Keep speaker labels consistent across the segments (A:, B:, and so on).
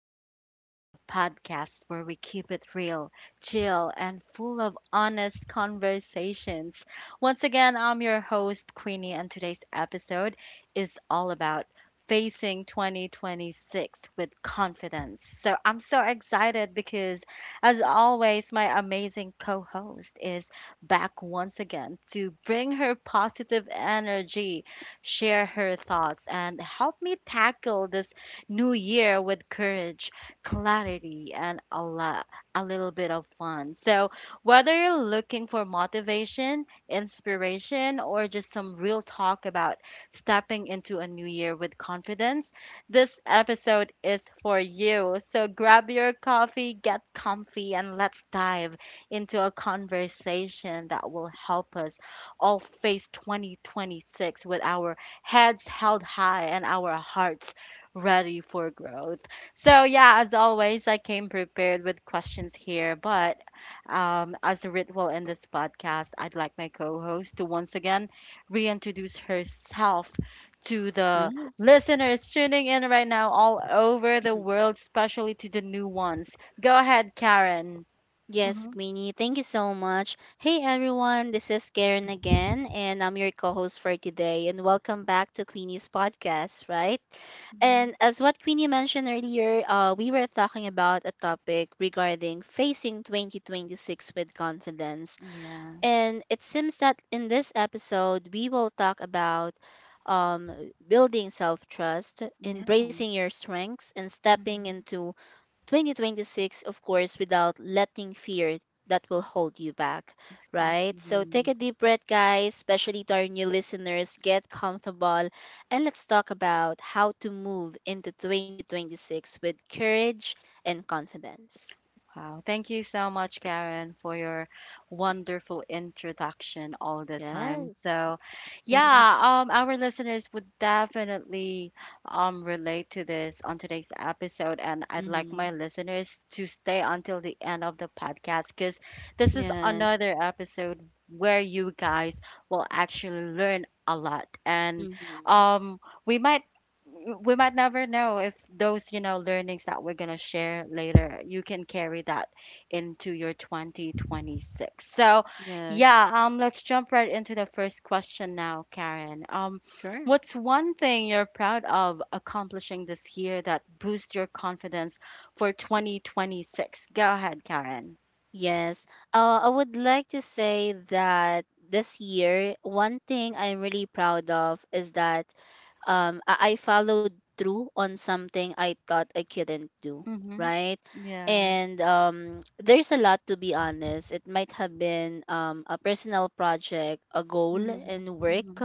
A: Queenie, the podcast where we keep it real, chill, and full of honest conversations. Once again, I'm your host, Queenie, and today's episode is all about facing 2026 with confidence. So I'm so excited because, as always, my amazing co host is back once again to bring her positive energy, share her thoughts, and help me tackle this new year with courage, clarity, and a little bit of fun. So, whether you're looking for motivation, inspiration, or just some real talk about stepping into a new year with confidence, this episode is for you. So, grab your coffee, get comfy, and let's dive into a conversation that will help us all face 2026 with our heads held high and our hearts ready for growth. So, yeah, as always, I came prepared with questions here, but as a ritual in this podcast, I'd like my co host to once again reintroduce herself to the
B: Yes,
A: listeners tuning in right now all over the
B: mhm.
A: world, especially to the new ones. Go ahead, Karen.
B: Yes,
A: Hmm.
B: Queenie, thank you so much. Hey everyone, this is Karen again, and I'm your co host for today. And welcome back to Queenie's podcast, right? And
A: Hmm.
B: as what Queenie mentioned earlier, we were talking about a topic regarding facing 2026 with confidence.
A: Yeah,
B: And it seems that in this episode, we will talk about building self trust,
A: yeah.
B: embracing your strengths, and stepping
A: Hmm.
B: into 2026, of course, without letting fear that will hold you back, right? So take
A: Exactly.
B: a deep breath, guys, especially to our new listeners. Get comfortable and let's talk about how to move into 2026 with courage and confidence.
A: Wow. Thank you so much, Karen, for your wonderful introduction all the time.
B: Yes.
A: So, yeah, our listeners would definitely relate to this on today's episode. And I'd like
B: Mm-hmm.
A: my listeners to stay until the end of the podcast because this is
B: Yes.
A: another episode where you guys will actually learn a lot. And
B: Mm-hmm.
A: um, we might we might never know if those learnings that we're going to share later, you can carry that into your 2026. So
B: Yes.
A: yeah, let's jump right into the first question now, Karen.
B: Sure.
A: What's one thing you're proud of accomplishing this year that boosts your confidence for 2026? Go ahead, Karen.
B: Yes. I would like to say that this year, one thing I'm really proud of is that I followed through on something I thought I couldn't do,
A: Mm-hmm.
B: right?
A: Yeah.
B: And there's a lot, to be honest. It might have been a personal project, a goal
A: Mm-hmm.
B: in work,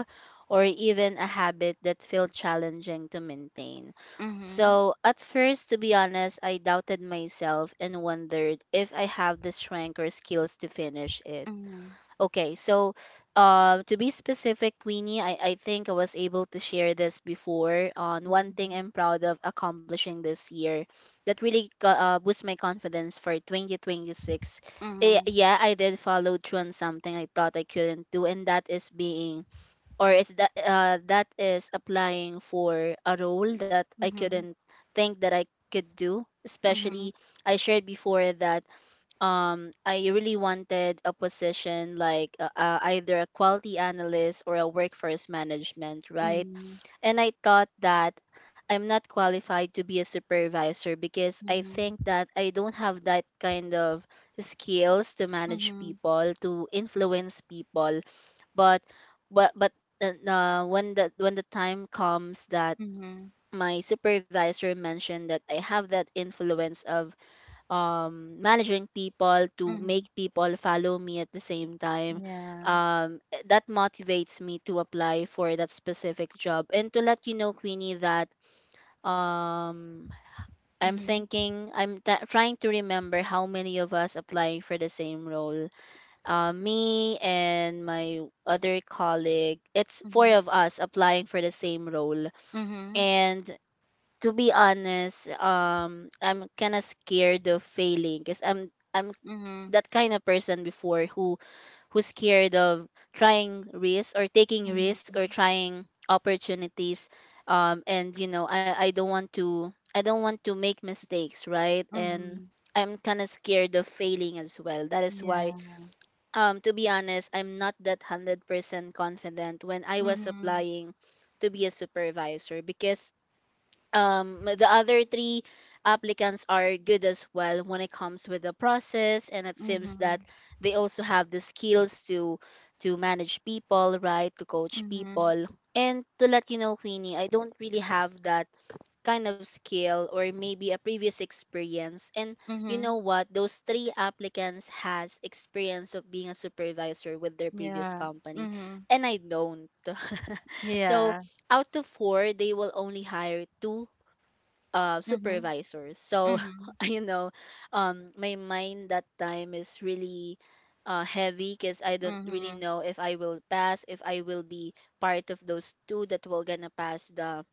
B: or even a habit that felt challenging to maintain.
A: Mm-hmm.
B: So, at first, to be honest, I doubted myself and wondered if I have the strength or skills to finish it.
A: Mm-hmm.
B: Okay, so to be specific, Queenie, I think I was able to share this before on one thing
A: Mm-hmm.
B: I'm proud of accomplishing this year that really boost my confidence for 2026.
A: Mm-hmm.
B: Yeah, I did follow through on something I thought I couldn't do, and that is being or is that that is applying for a role that I
A: Mm-hmm.
B: couldn't think that I could do.
A: Mm-hmm.
B: Especially, I shared before that I really wanted a position like either a quality analyst or a workforce management, right?
A: Mm-hmm.
B: And I thought that I'm not qualified to be a supervisor because I
A: Mhm,
B: think that I don't have that kind of skills to manage
A: mhm,
B: people, to influence people, but but but when the time comes that
A: mhm,
B: my supervisor mentioned that I have that influence of managing people to
A: mhm.
B: make people follow me at the same time.
A: Yeah.
B: That motivates me to apply for that specific job. And to let you know, Queenie, that um, I'm
A: Mhm,
B: thinking, I'm t- trying to remember how many of us applying for the same role, me and my other colleague, it's four
A: mhm,
B: of us applying for the same role.
A: mhm,
B: And to be honest, I'm kind of scared of failing because I'm
A: mhm,
B: that kind of person before who's scared of trying risk or taking risk or
A: mhm,
B: trying opportunities. And I don't want to make mistakes, right? And
A: mhm.
B: I'm kind of scared of failing as well. That is
A: Yeah.
B: why, to be honest, I'm not that 100% confident when I was
A: Mhm,
B: applying to be a supervisor, because the other three applicants are good as well when it comes with the process, and it seems that
A: mhm,
B: they also have the skills to manage people, right, to coach
A: mhm,
B: people. And to let you know, queenie, I don't really have that kind of skill or maybe a previous experience. And you
A: mhm.
B: know what, those three applicants has experience of being a supervisor with their previous
A: Yeah.
B: company
A: Mhm.
B: and I don't. So
A: Yeah.
B: out of four, they will only hire two
A: Mhm,
B: supervisors. So,
A: mhm,
B: you know, my mind that time is really heavy because I don't really
A: mhm,
B: know if I will pass, if I will be part of those two that will gonna pass the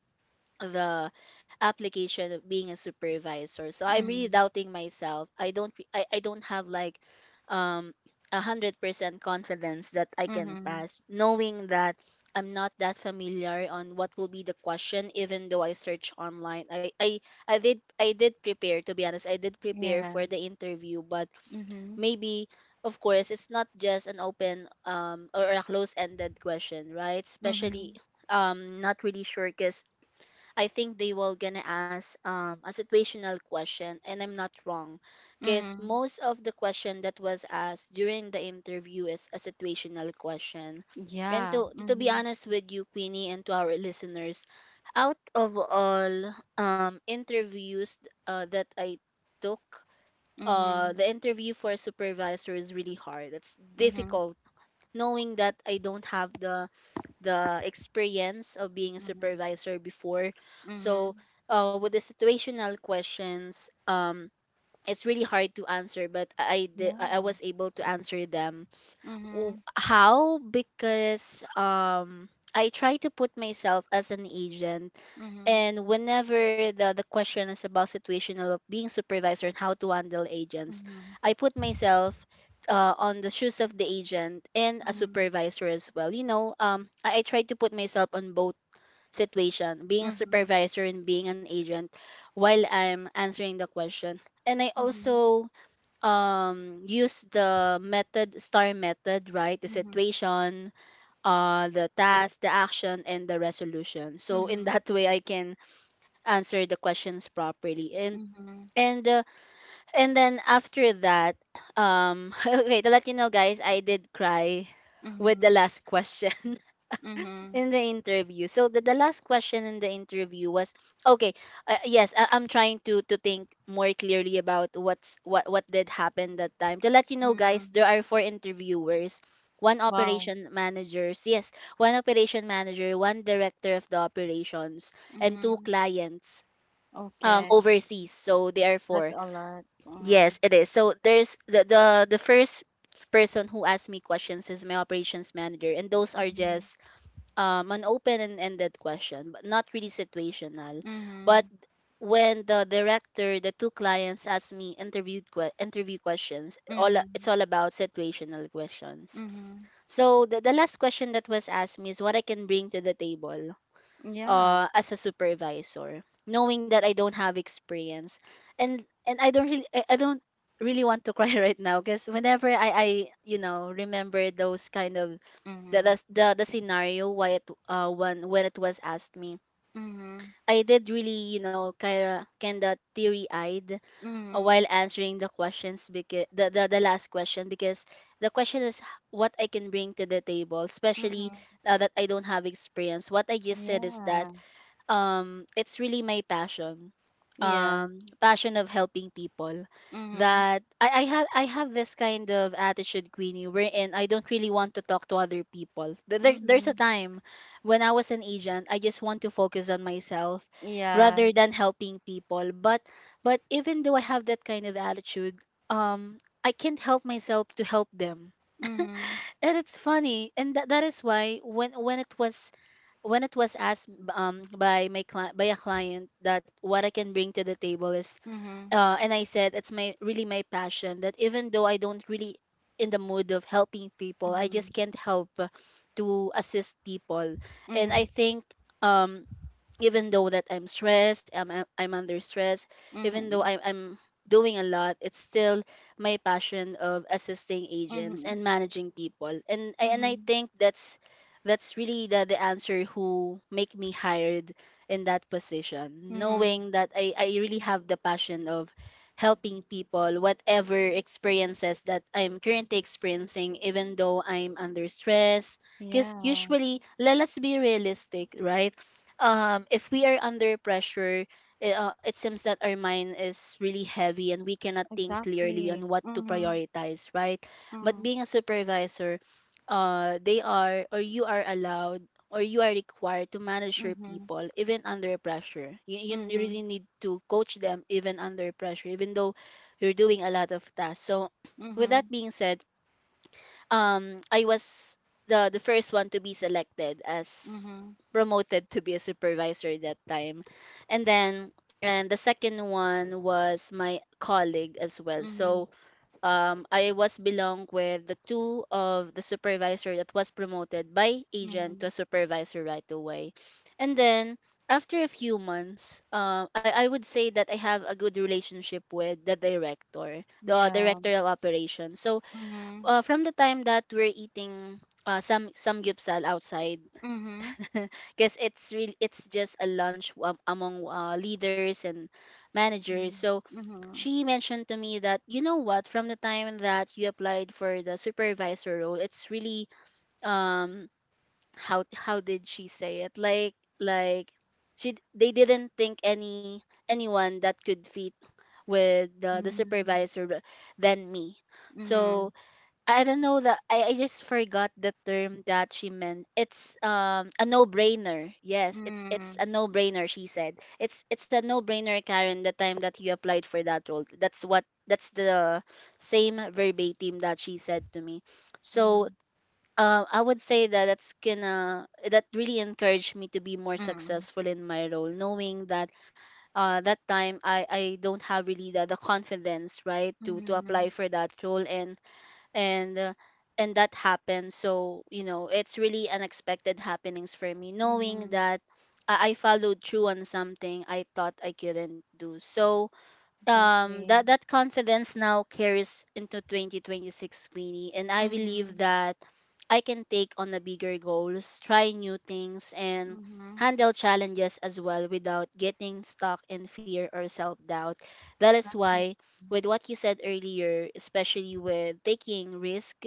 B: the application of being a supervisor. So I'm really
A: mhm,
B: doubting myself. I don't have like um 100% confidence that I can
A: mhm.
B: pass, knowing that I'm not that familiar on what will be the question, even though I search online. I did prepare, to be honest. I did prepare
A: Yeah.
B: for the interview, but
A: Mhm,
B: maybe, of course, it's not just an open or a close ended question, right? Especially
A: mhm,
B: not really sure because I think they will gonna ask a situational question, and I'm not wrong, because
A: mhm.
B: most of the question that was asked during the interview is a situational question. And
A: Yeah.
B: to be
A: Mhm,
B: honest with you, Queenie, and to our listeners, out of all interviews that I took,
A: mhm, mhm,
B: the interview for a supervisor is really hard. It's difficult knowing that I don't have the experience of being a
A: mhm,
B: supervisor before. So,
A: mhm.
B: with the situational questions, it's really hard to answer, but I
A: Yeah.
B: was able to answer them.
A: Mhm,
B: How? Because I try to put myself as an agent,
A: mhm,
B: and whenever the question is about situational of being supervisor and how to handle agents,
A: mhm,
B: I put myself on the shoes of the agent and a
A: mhm,
B: supervisor as well. You know, I try to put myself on both situation, being a
A: mhm,
B: supervisor and being an agent while I'm answering the question. And I
A: mhm.
B: also use the method, STAR method, right? The
A: Mhm,
B: situation, the task, the action, and the resolution. So in
A: mhm,
B: that way, I can answer the questions properly,
A: mhm,
B: and uh, and then after that okay, to let you know, guys, I did cry with the
A: mhm,
B: last question
A: mhm,
B: in the interview. So the last question in the interview was okay. Yes, I'm trying to think more clearly about what did happen that time. To let you know, guys,
A: mm.
B: there are four interviewers: one
A: Wow.
B: operation managers, yes, one operation manager, one director of the operations, and two
A: Mhm.
B: clients
A: Okay,
B: overseas, so therefore,
A: that's a lot.
B: yes
A: Mhm,
B: it is. So there's the first person who asked me questions is my operations manager, and those are
A: mhm,
B: just an open and ended question, but not really situational. But
A: mhm,
B: when the director, the two clients, asked me interview questions, all it's
A: mhm,
B: all about situational questions.
A: mhm.
B: So the last question that was asked me is what I can bring to the table
A: Yeah.
B: as a supervisor, knowing that I don't have experience. And I don't really I don't really want to cry right now, because whenever I remember those kind of
A: Mhm,
B: the scenario why it when it was asked me.
A: mhm,
B: I did really, you know, kinda teary eyed while
A: mhm,
B: answering the questions, because the last question, because the question is what I can bring to the table, especially
A: mhm.
B: that I don't have experience. What I just said is that
A: Yeah.
B: it's really my passion,
A: Yeah.
B: passion of helping people,
A: Mhm,
B: that I have this kind of attitude, Queenie, wherein I don't really want to talk to other people. There, there's a
A: mhm.
B: time when I was an agent, I just want to focus on myself
A: Yeah.
B: rather than helping people. But even though I have that kind of attitude, um I can't help myself to help them,
A: Mhm,
B: and it's funny. And that is why when it was asked by my client, by a client, that what I can bring to the table is,
A: mhm,
B: and I said it's my really my passion, that even though I don't really in the mood of helping people, I just
A: mhm,
B: can't help to assist people. And I
A: mhm,
B: think um even though that I'm stressed, I'm under stress, even though
A: mhm,
B: I'm doing a lot, it's still my passion of assisting agents
A: mhm,
B: and managing people. And I
A: mhm,
B: think that's really the answer who make me hired in that position,
A: mhm.
B: knowing that I really have the passion of helping people whatever experiences that I'm currently experiencing, even though I'm under stress. Because
A: Yeah.
B: usually, let's be realistic, right? If we are under pressure, it seems that our mind is really heavy and we cannot think clearly on
A: Exactly.
B: what to
A: Mhm,
B: prioritize, right? But
A: mhm,
B: being a supervisor, they are, or you are allowed or you are required to manage your
A: mhm,
B: people even under pressure. You
A: mhm.
B: really need to coach them even under pressure, even though you're doing a lot of tasks. So, with that
A: Mhm,
B: being said, I was the first one to be selected as
A: mhm,
B: promoted to be a supervisor that time. And then, and the second one was my colleague as well.
A: mhm,
B: So I was belong with the two of the supervisor that was promoted by agent to a
A: mhm.
B: supervisor right away. And then, after a few months, I would say that I have a good relationship with the
A: Yeah.
B: director of operations. So
A: Mhm,
B: uh, from the time that we're eating some gyupsal outside
A: mhm,
B: because it's just a lunch among leaders and managers,
A: mhm,
B: so she mentioned to me that, you know what, from the time that you applied for the supervisor role, it's really, um how did she say it, like, they didn't think anyone that could fit with the
A: mm,
B: supervisor than me. So
A: mhm,
B: I don't know that, I just forgot the term that she meant. It's a no brainer. Yes, it's
A: mm,
B: a no brainer, she said. It's a no brainer, Karen, the time that you applied for that role. That's the same verbatim that she said to me. So
A: mm,
B: I would say that that really encouraged me to be more
A: mm,
B: successful in my role, knowing that that time I don't have really the confidence, right, to apply
A: mhm,
B: for that role. And and uh, and that happened, so you know, it's really unexpected happenings for me, knowing
A: mhm
B: that I followed through on something I thought I couldn't do. So um that
A: Exactly.
B: that confidence now carries into 2026, Queenie, and I believe
A: Mhm,
B: that I can take on a bigger goals, try new things, and
A: mhm.
B: handle challenges as well without getting stuck in fear or self-doubt. That is
A: Exactly.
B: why, with what you said earlier, especially with taking risk,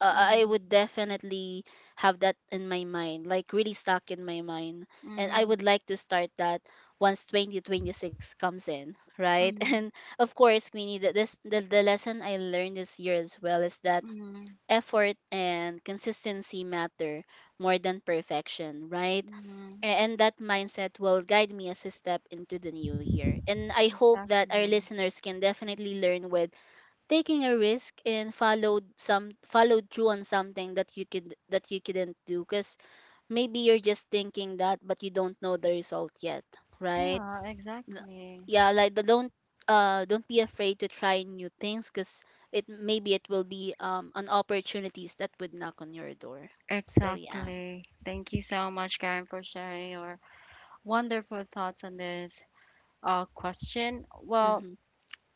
B: I would
A: Mhm,
B: definitely have that in my mind, like really stuck in my mind, and I would
A: mhm,
B: like to start that once 2026 comes in, right? And
A: mhm,
B: of course, Queenie, the lesson I learned this year as well is that
A: mhm,
B: effort and consistency matter more than perfection, right?
A: mhm.
B: And that mindset will guide me as a step into the new year. And I hope that our
A: Exactly.
B: listeners can definitely learn with taking a risk and followed through on something that you couldn't do, because maybe you're just thinking that, but you don't know the result yet, right?
A: Yeah,
B: l-
A: exactly.
B: yeah like the don't Don't be afraid to try new things, because it maybe it will be an opportunities that would knock on your door. So yeah.
A: Exactly. Thank you so much, Karen, for sharing your wonderful thoughts on this question. Well,
B: Mm-hmm.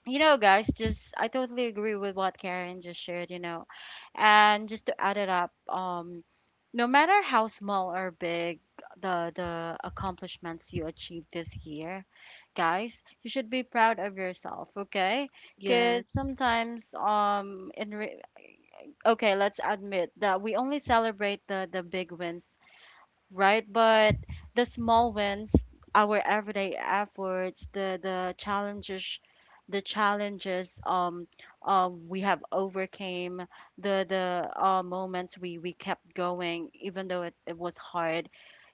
A: you know, guys, just I totally agree with what Karen just shared, you know. And just to add it up, no matter how small or big the accomplishments you achieve this year, guys, you should be proud of yourself, okay? Because
B: Yes.
A: sometimes, okay, let's admit that we only celebrate the big wins, right? But the small wins, our everyday efforts, the challenges we have overcame, the moments we kept going even though it was hard,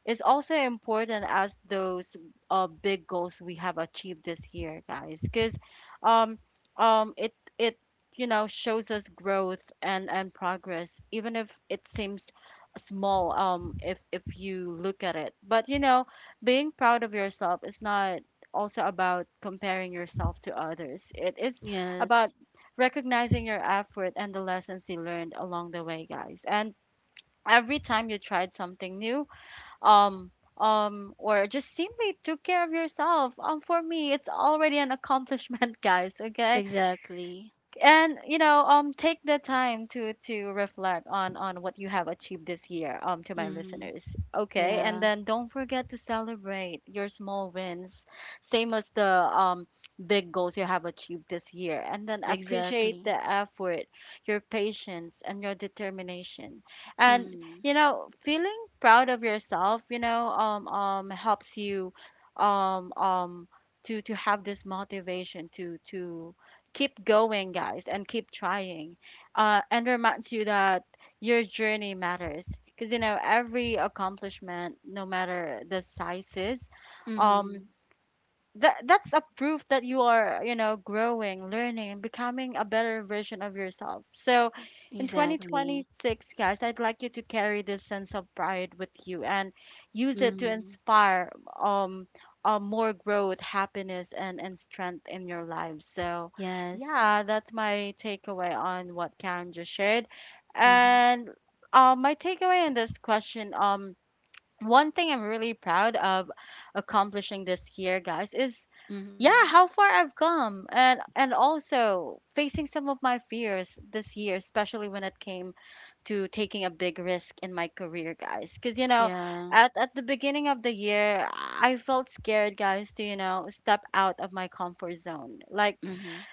A: is also important as those big goals we have achieved this year, guys. Because um it you know shows us growth and progress even if it seems small, um, if you look at it. But you know, being proud of yourself is not also about comparing yourself to others. It is about
B: Yes,
A: recognizing your effort and the lessons you learned along the way, guys. And every time you tried something new, um or just simply took care of yourself, um, for me it's already an accomplishment guys, okay?
B: exactly.
A: And you know, um, take the time to reflect on what you have achieved this year, um, to my
B: Mm-hmm.
A: listeners, okay? And
B: Yeah,
A: then don't forget to celebrate your small wins same as the big goals you have achieved this year. And then appreciate
B: exactly.
A: the effort, your patience and your determination. And
B: Mm-hmm.
A: you know, feeling proud of yourself, you know, helps you um um to have this motivation to keep going, guys, and keep trying. And reminds you that your journey matters. Because, you know, every accomplishment, no matter the sizes, um,
B: Mm-hmm.
A: that that's a proof that you are, you know, growing, learning and becoming a better version of yourself. So in
B: Exactly.
A: 2026, guys, I'd like you to carry this sense of pride with you and use it to
B: Mm-hmm.
A: inspire um more growth, happiness and strength in your lives. So
B: Yes.
A: yeah, that's my takeaway on what Karen just shared.
B: Mm-hmm.
A: And um, my takeaway in this question, um, one thing I'm really proud of accomplishing this year, guys, is yeah,
B: Mm-hmm.
A: how far I've come and also facing some of my fears this year, especially when it came to taking a big risk in my career, guys. Because, you know,
B: Yeah.
A: at the beginning of the year, I felt scared, guys, to, you know, step out of my comfort zone. Like,
B: Mm-hmm.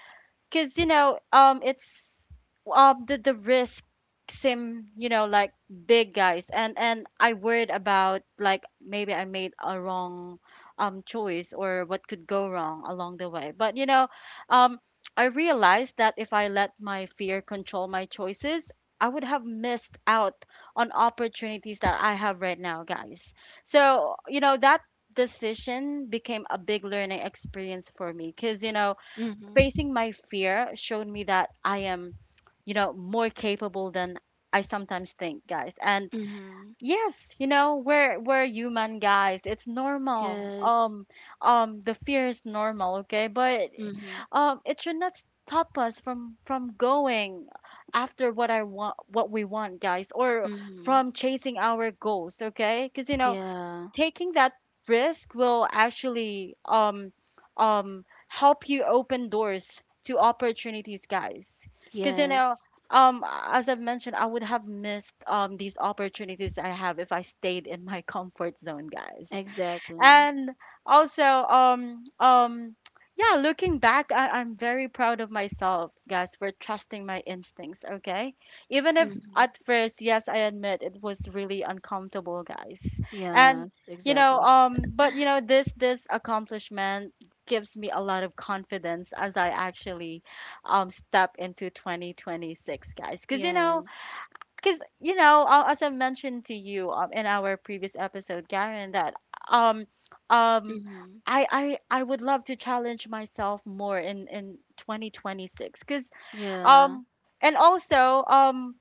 A: because you know it's the risk seem, you know, like big, guys. And I worried about like maybe I made a wrong choice or what could go wrong along the way. But you know, um, I realized that if I let my fear control my choices, I would have missed out on opportunities that I have right now, guys. So you know, that decision became a big learning experience for me, because you know,
B: Mm-hmm.
A: facing my fear showed me that I am, you know, more capable than I sometimes think, guys. And
B: Mm-hmm.
A: yes, you know, we're human, guys. It's normal.
B: Yes.
A: The fear is normal, okay? But
B: Mm-hmm.
A: it should not stop us from going after what I want, what we want, guys, or
B: Mm-hmm.
A: from chasing our goals, okay? Because you know,
B: Yeah.
A: taking that risk will actually help you open doors to opportunities, guys. Because you
B: Yes,
A: know, um, as I've mentioned, I would have missed these opportunities I have if I stayed in my comfort zone, guys.
B: exactly.
A: And also yeah, looking back, I'm very proud of myself, guys, for trusting my instincts, okay? Even if
B: Hmm.
A: at first, yes I admit it was really uncomfortable, guys. And
B: Yes,
A: you know,
B: exactly.
A: um, but you know, this accomplishment gives me a lot of confidence as I actually step into 2026, guys. Because you know,
B: Yes.
A: because you know, as I mentioned to you, in our previous episode, Karen, that um um
B: Hmm.
A: I would love to challenge myself more in 2026. Because
B: Yeah.
A: um and also um,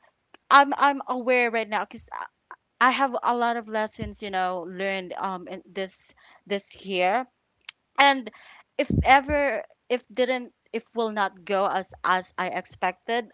A: I'm aware right now because I have a lot of lessons, you know, learned, um, in this this year. And if ever, if will not go as I expected,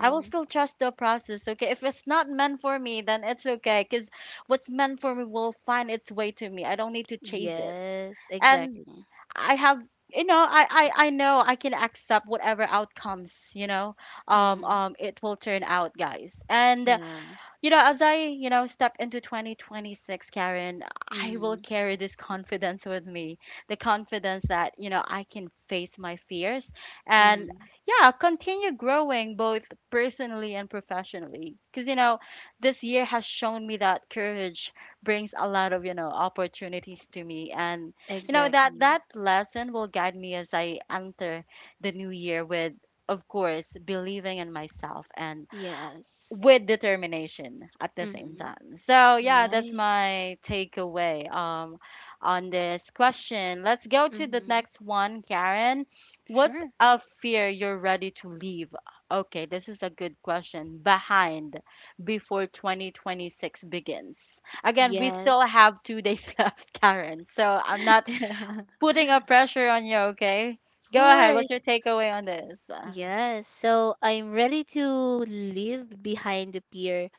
A: I will still trust the process, okay? If it's not meant for me, then it's okay, because what's meant for me will find its way to me. I don't need to chase it.
B: Yes,
A: And
B: exactly.
A: I have, you know, I know I can accept whatever outcomes, you know,
B: Hmm.
A: it will turn out, guys. And
B: Yeah.
A: you know, as I, you know, step into 2026, Karen, I will
B: Hmm.
A: carry this confidence with me. The confidence that, you know, I can face my fears and,
B: Hmm.
A: yeah, continue growing both personally and professionally. Because, you know, this year has shown me that courage brings a lot of, you know, opportunities to me. And, you know, that,
B: Exactly.
A: that lesson will guide me as I enter the new year with, of course, believing in myself and
B: Yes.
A: with determination at the same
B: Hmm.
A: time. So yeah, that's
B: Right.
A: my takeaway on this question. Let's go to the
B: Hmm.
A: next one, Karen. What's
B: Sure.
A: a fear you're ready to leave? Okay, this is a good question. Behind before 2026 begins. Again, we still
B: Yes.
A: have 2 days left, Karen. So I'm not putting a pressure on you, okay?
B: Of
A: Go ahead. What's your
B: course.
A: takeaway on this?
B: Yes. So I'm ready to leave behind the pier,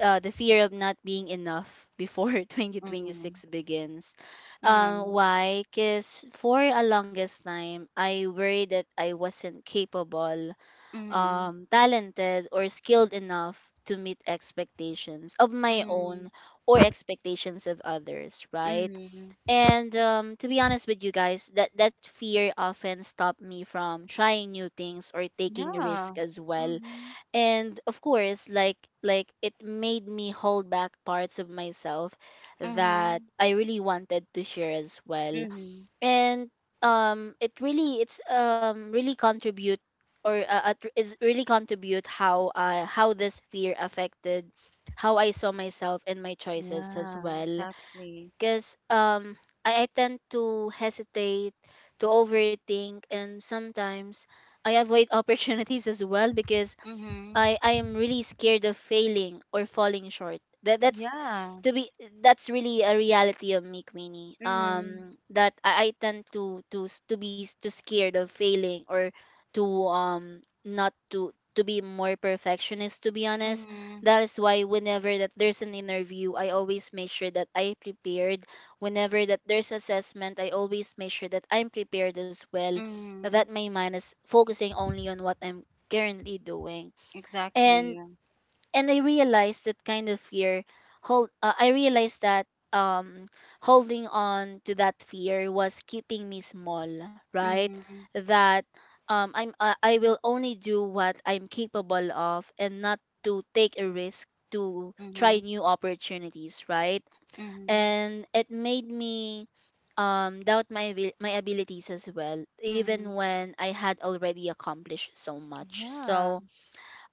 B: the fear of not being enough before
A: Mm,
B: 2026 begins.
A: mm,
B: Why? Because for a longest time, I worried that I wasn't capable,
A: mm,
B: talented, or skilled enough to meet expectations of my
A: mm.
B: own or expectations of others, right?
A: Mhm.
B: And to be honest with you guys, that, that fear often stopped me from trying new things or taking
A: Yeah.
B: risk as well.
A: Mhm.
B: And of course, like it made me hold back parts of myself that
A: Mhm.
B: I really wanted to share as well.
A: Mhm.
B: And it really contribute, or is really contribute how this fear affected how I saw myself and my choices as
A: Yeah,
B: well.
A: exactly.
B: Because um, I tend to hesitate, to overthink, and sometimes I avoid opportunities as well, because
A: Mhm.
B: I am really scared of failing or falling short. That that's
A: Yeah.
B: to be That's really a reality of me, Queenie,
A: Mhm.
B: um, that I tend to be too scared of failing, or to not to to be more perfectionist, to be honest.
A: Mhm.
B: That is why whenever that there's an interview, I always make sure that I prepared. Whenever that there's assessment, I always make sure that I'm prepared as well, that
A: Mhm.
B: my mind is focusing only on what I'm currently doing. and
A: Exactly.
B: and I realized that kind of fear hold I realized that um holding on to that fear was keeping me small, right?
A: Mhm.
B: That I will only do what I'm capable of, and not to take a risk to try
A: Mhm.
B: new opportunities, right?
A: Mhm.
B: And it made me doubt my abilities as well, even
A: Mhm.
B: when I had already accomplished so much.
A: Yeah.
B: So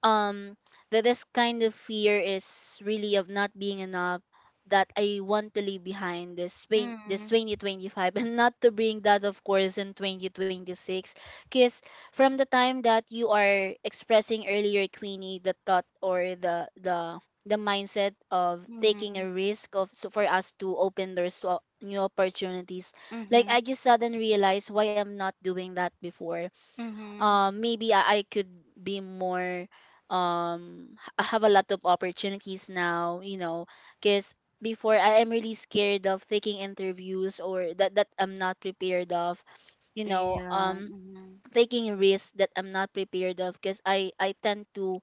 B: um, that this kind of fear is really of not being enough, that I want to leave behind this
A: Mhm.
B: 2025 and not to bring that, of course, in 2026. Because from the time that you are expressing earlier, Queenie, the thought, or the mindset of taking
A: Mhm.
B: a risk of, so for us to open doors to new opportunities, like, I
A: Mhm.
B: just suddenly realized why I'm not doing that before.
A: Mhm.
B: Um, maybe I could be more I have a lot of opportunities now, you know, because before I am really scared of taking interviews or that I'm not prepared of, you know,
A: Yeah.
B: um,
A: Mhm.
B: taking risks that I'm not prepared of, because I tend to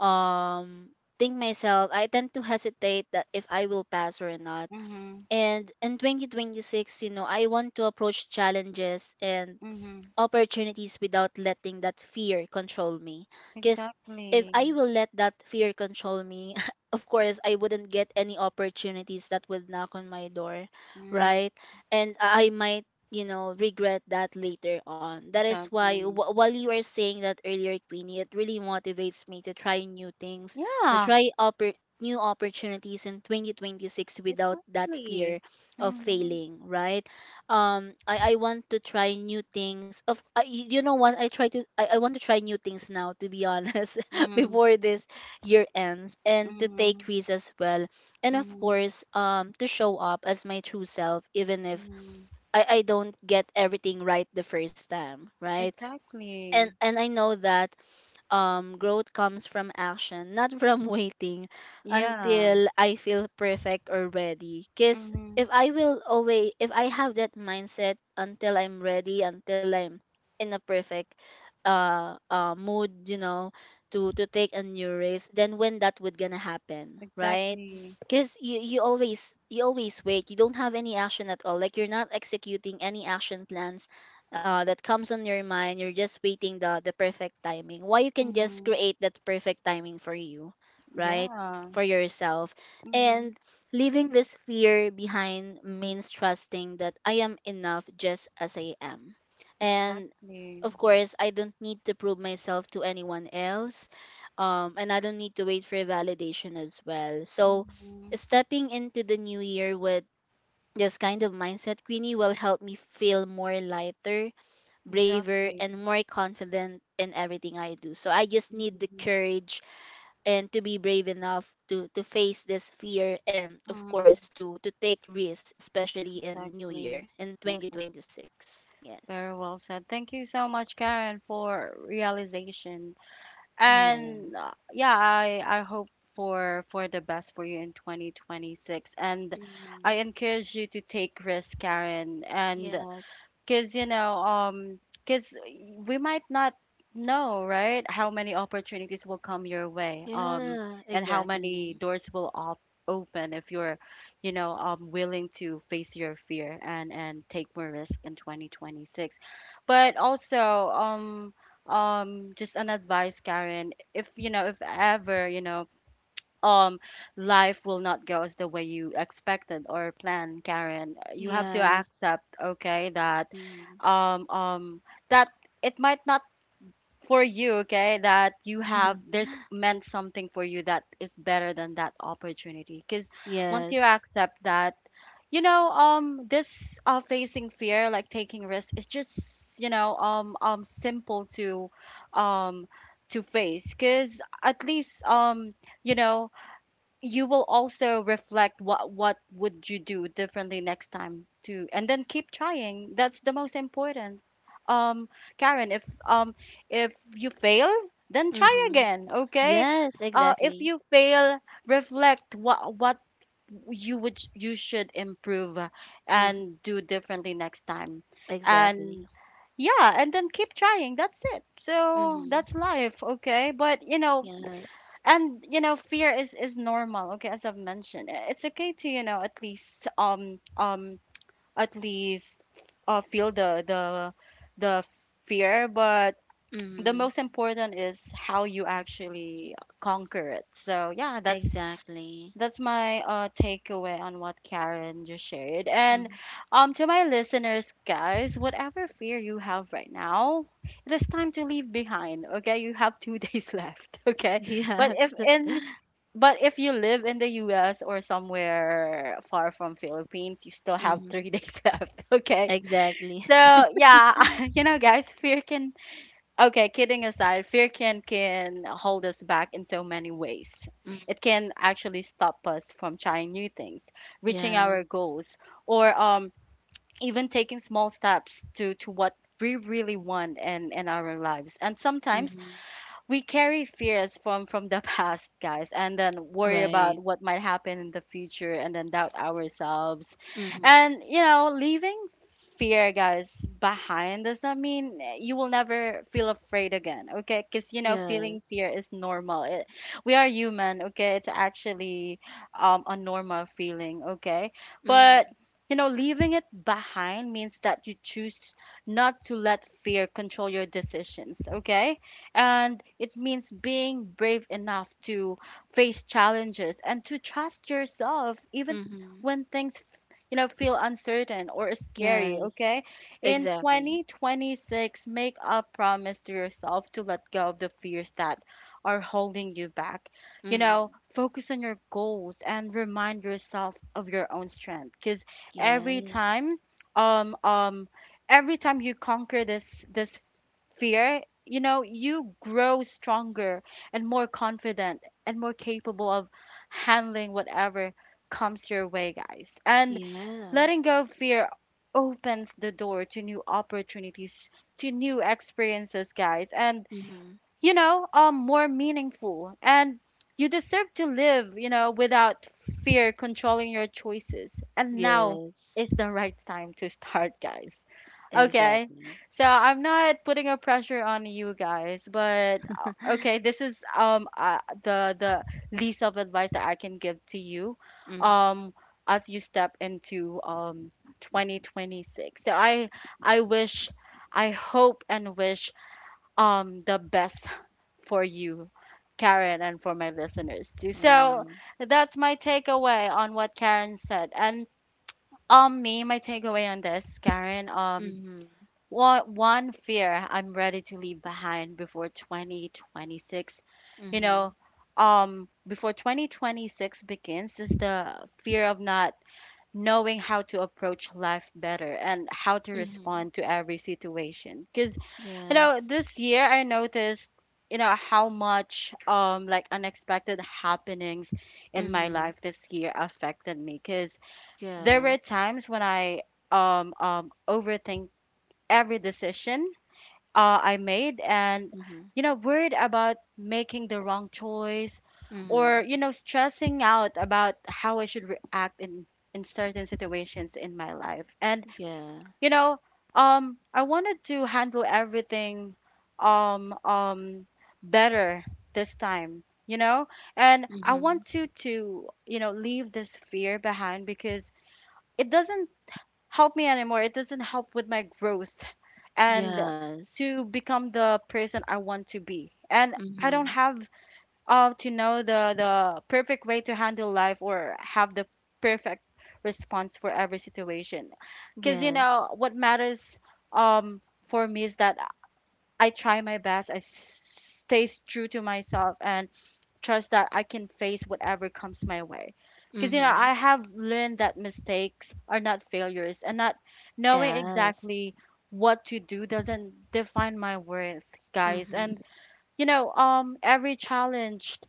B: um think myself, I tend to hesitate that if I will pass or not.
A: Mhm.
B: And in 2026, you know, I want to approach challenges and
A: Mhm.
B: opportunities without letting that fear control me. Because if
A: Exactly.
B: I will let that fear control me, of course, I wouldn't get any opportunities that would knock on my door,
A: Mhm.
B: right? And I might, you know, regret that later on. That is why,
A: Exactly.
B: while you were saying that earlier, Queenie, it really motivates me to try new things, to
A: Yeah.
B: try up new opportunities in 2026 without that
A: Exactly.
B: fear of
A: Mhm.
B: failing, right? I want to try new things. You know what? I want to try new things now, to be honest,
A: Mhm.
B: before this year ends, and to take
A: Mhm,
B: risks as well, and of
A: mhm,
B: course, to show up as my true self, even if
A: mhm.
B: I don't get everything right the first time, right?
A: Exactly.
B: And I know that um, growth comes from action, not from waiting
A: Yeah.
B: until I feel perfect or ready. Cause
A: Mhm.
B: if I have that mindset until I'm ready, until I'm in a perfect mood, you know, to take a new risk, then when that would gonna happen, right?
A: Exactly.
B: Cause you always wait. You don't have any action at all. Like, you're not executing any action plans that comes on your mind. You're just waiting the perfect timing, why you can just
A: Mhm.
B: create that perfect timing for you, right?
A: Yeah.
B: For yourself.
A: Mhm.
B: And leaving this fear behind means trusting that I am enough just as I am. And
A: Exactly.
B: of course, I don't need to prove myself to anyone else, and I don't need to wait for validation as well. So,
A: Mhm.
B: stepping into the new year with this kind of mindset, Queenie, will help me feel more lighter, braver,
A: Exactly.
B: and more confident in everything I do. So I just need the
A: Mhm.
B: courage and to be brave enough to face this fear, and of
A: Mhm.
B: course, to take risks, especially in new
A: Exactly.
B: year, in
A: Exactly.
B: 2026. Yes.
A: Very well said. Thank you so much, Karen, for realization.
B: Yeah.
A: And yeah, I hope for the best for you in 2026. And I
B: Mhm.
A: encourage you to take risks, Karen. And
B: Yes.
A: because, you know, because we might not know, right, how many opportunities will come your way,
B: Yeah,
A: and how many
B: exactly.
A: doors will op open if you're, you know, willing to face your fear and take more risk in 2026. But also, um, just an advice, Karen, if you know, if ever, um life will not go as the way you expected or planned, Karen. You have to
B: Yes.
A: accept, okay, that
B: Mm-hmm.
A: um um that it might not for you. Okay, that you have, there's meant something for you that is better than that opportunity. Because once you
B: Yes.
A: accept that, this facing fear, like taking risks, is just simple to, um to face, because at least, you know you will also reflect, what would you do differently next time too, and then keep trying. That's the most important. um Karen, if you fail, then try
B: Mm-hmm.
A: again, okay?
B: Yes,
A: Uh, if
B: exactly.
A: you fail, reflect what you would, you should improve
B: Mm-hmm.
A: and do differently next time. And
B: Exactly.
A: yeah, and then keep trying. That's it. So
B: Mm-hmm.
A: that's life, okay? But you know,
B: Yes.
A: and you know, fear is normal. Okay, as I've mentioned, it's okay to, you know, at least feel the fear. But the
B: Mm-hmm.
A: most important is how you actually conquer it. So yeah,
B: Exactly.
A: that's my takeaway on what Karen just shared. And
B: Mm.
A: to my listeners, guys, whatever fear you have right now, it is time to leave behind. Okay, you have 2 days left. Okay, but
B: Yes.
A: if you live in the US or somewhere far from Philippines, you still have
B: Mm.
A: 3 days left. Okay.
B: Exactly.
A: So yeah, you know guys, fear can, okay, kidding aside, fear can hold us back in so many ways.
B: Mm.
A: It can actually stop us from trying new things, reaching our
B: Yes.
A: goals, or even taking small steps to what we really want in our lives. And sometimes
B: Mm.
A: we carry fears from the past, guys, and then worry about
B: Right.
A: what might happen in the future, and then doubt ourselves.
B: Mm.
A: And you know, leaving fear, guys, behind does not mean, eh, you will never feel afraid again. Okay, because you know, feeling fear
B: Yes.
A: is normal. It, we are human. Okay, it's actually, a normal feeling. Okay,
B: Mm.
A: but you know, leaving it behind means that you choose not to let fear control your decisions. Okay, and it means being brave enough to face challenges and to trust yourself even
B: Mm.
A: when things, you know, feel uncertain or scary. Okay,
B: Yes.
A: in
B: Exactly.
A: 2026, make a promise to yourself to let go of the fears that are holding you back. You
B: Mm.
A: know, focus on your goals and remind yourself of your own strength. Because every
B: Yes.
A: time, um um every time you conquer this fear, you know, you grow stronger and more confident and more capable of handling whatever comes your way, guys. And
B: Yeah.
A: letting go of fear opens the door to new opportunities, to new experiences, guys. And
B: Mm.
A: you know, more meaningful. And you deserve to live, you know, without fear controlling your choices. And now is
B: Yes.
A: the right time to start, guys. Okay.
B: Exactly.
A: So I'm not putting a pressure on you guys, but okay, this is the least of advice that I can give to you,
B: Mm.
A: um, as you step into 2026. So I wish, I hope and wish, the best for you, Karen, and for my listeners too. So
B: Wow.
A: that's my takeaway on what Karen said. And on me, my takeaway on this, Karen,
B: Mm.
A: one fear I'm ready to leave behind before 2026. You know,
B: Mm.
A: before 2026 begins is the fear of not knowing how to approach life better and how to
B: Mm.
A: respond to every situation. Because you
B: Yes.
A: know, this year I noticed, you know, how much, um, like unexpected happenings in my
B: Mm.
A: life this year affected me. Because there
B: Yeah.
A: were times when I overthink every decision uh I made and,
B: Mm.
A: you know, worried about making the wrong choice, or,
B: Mm.
A: you know, stressing out about how I should react in certain situations in my life. And,
B: Yeah.
A: you know, I wanted to handle everything um, um, better this time, you know, and I want
B: Mm.
A: to, you know, leave this fear behind, because it doesn't help me anymore. It doesn't help with my growth and
B: Yes.
A: to become the person I want to be. And I don't
B: Mm-hmm.
A: have, to know the perfect way to handle life or have the perfect response for every situation. Because, you
B: Yes.
A: know, what matters, um, for me is that I try my best, stay true to myself, and trust that I can face whatever comes my way. Because, you know,
B: Mm-hmm.
A: I have learned that mistakes are not failures, and not knowing
B: Yes.
A: exactly what to do doesn't define my worth, guys.
B: Mm-hmm.
A: And, you know, every challenge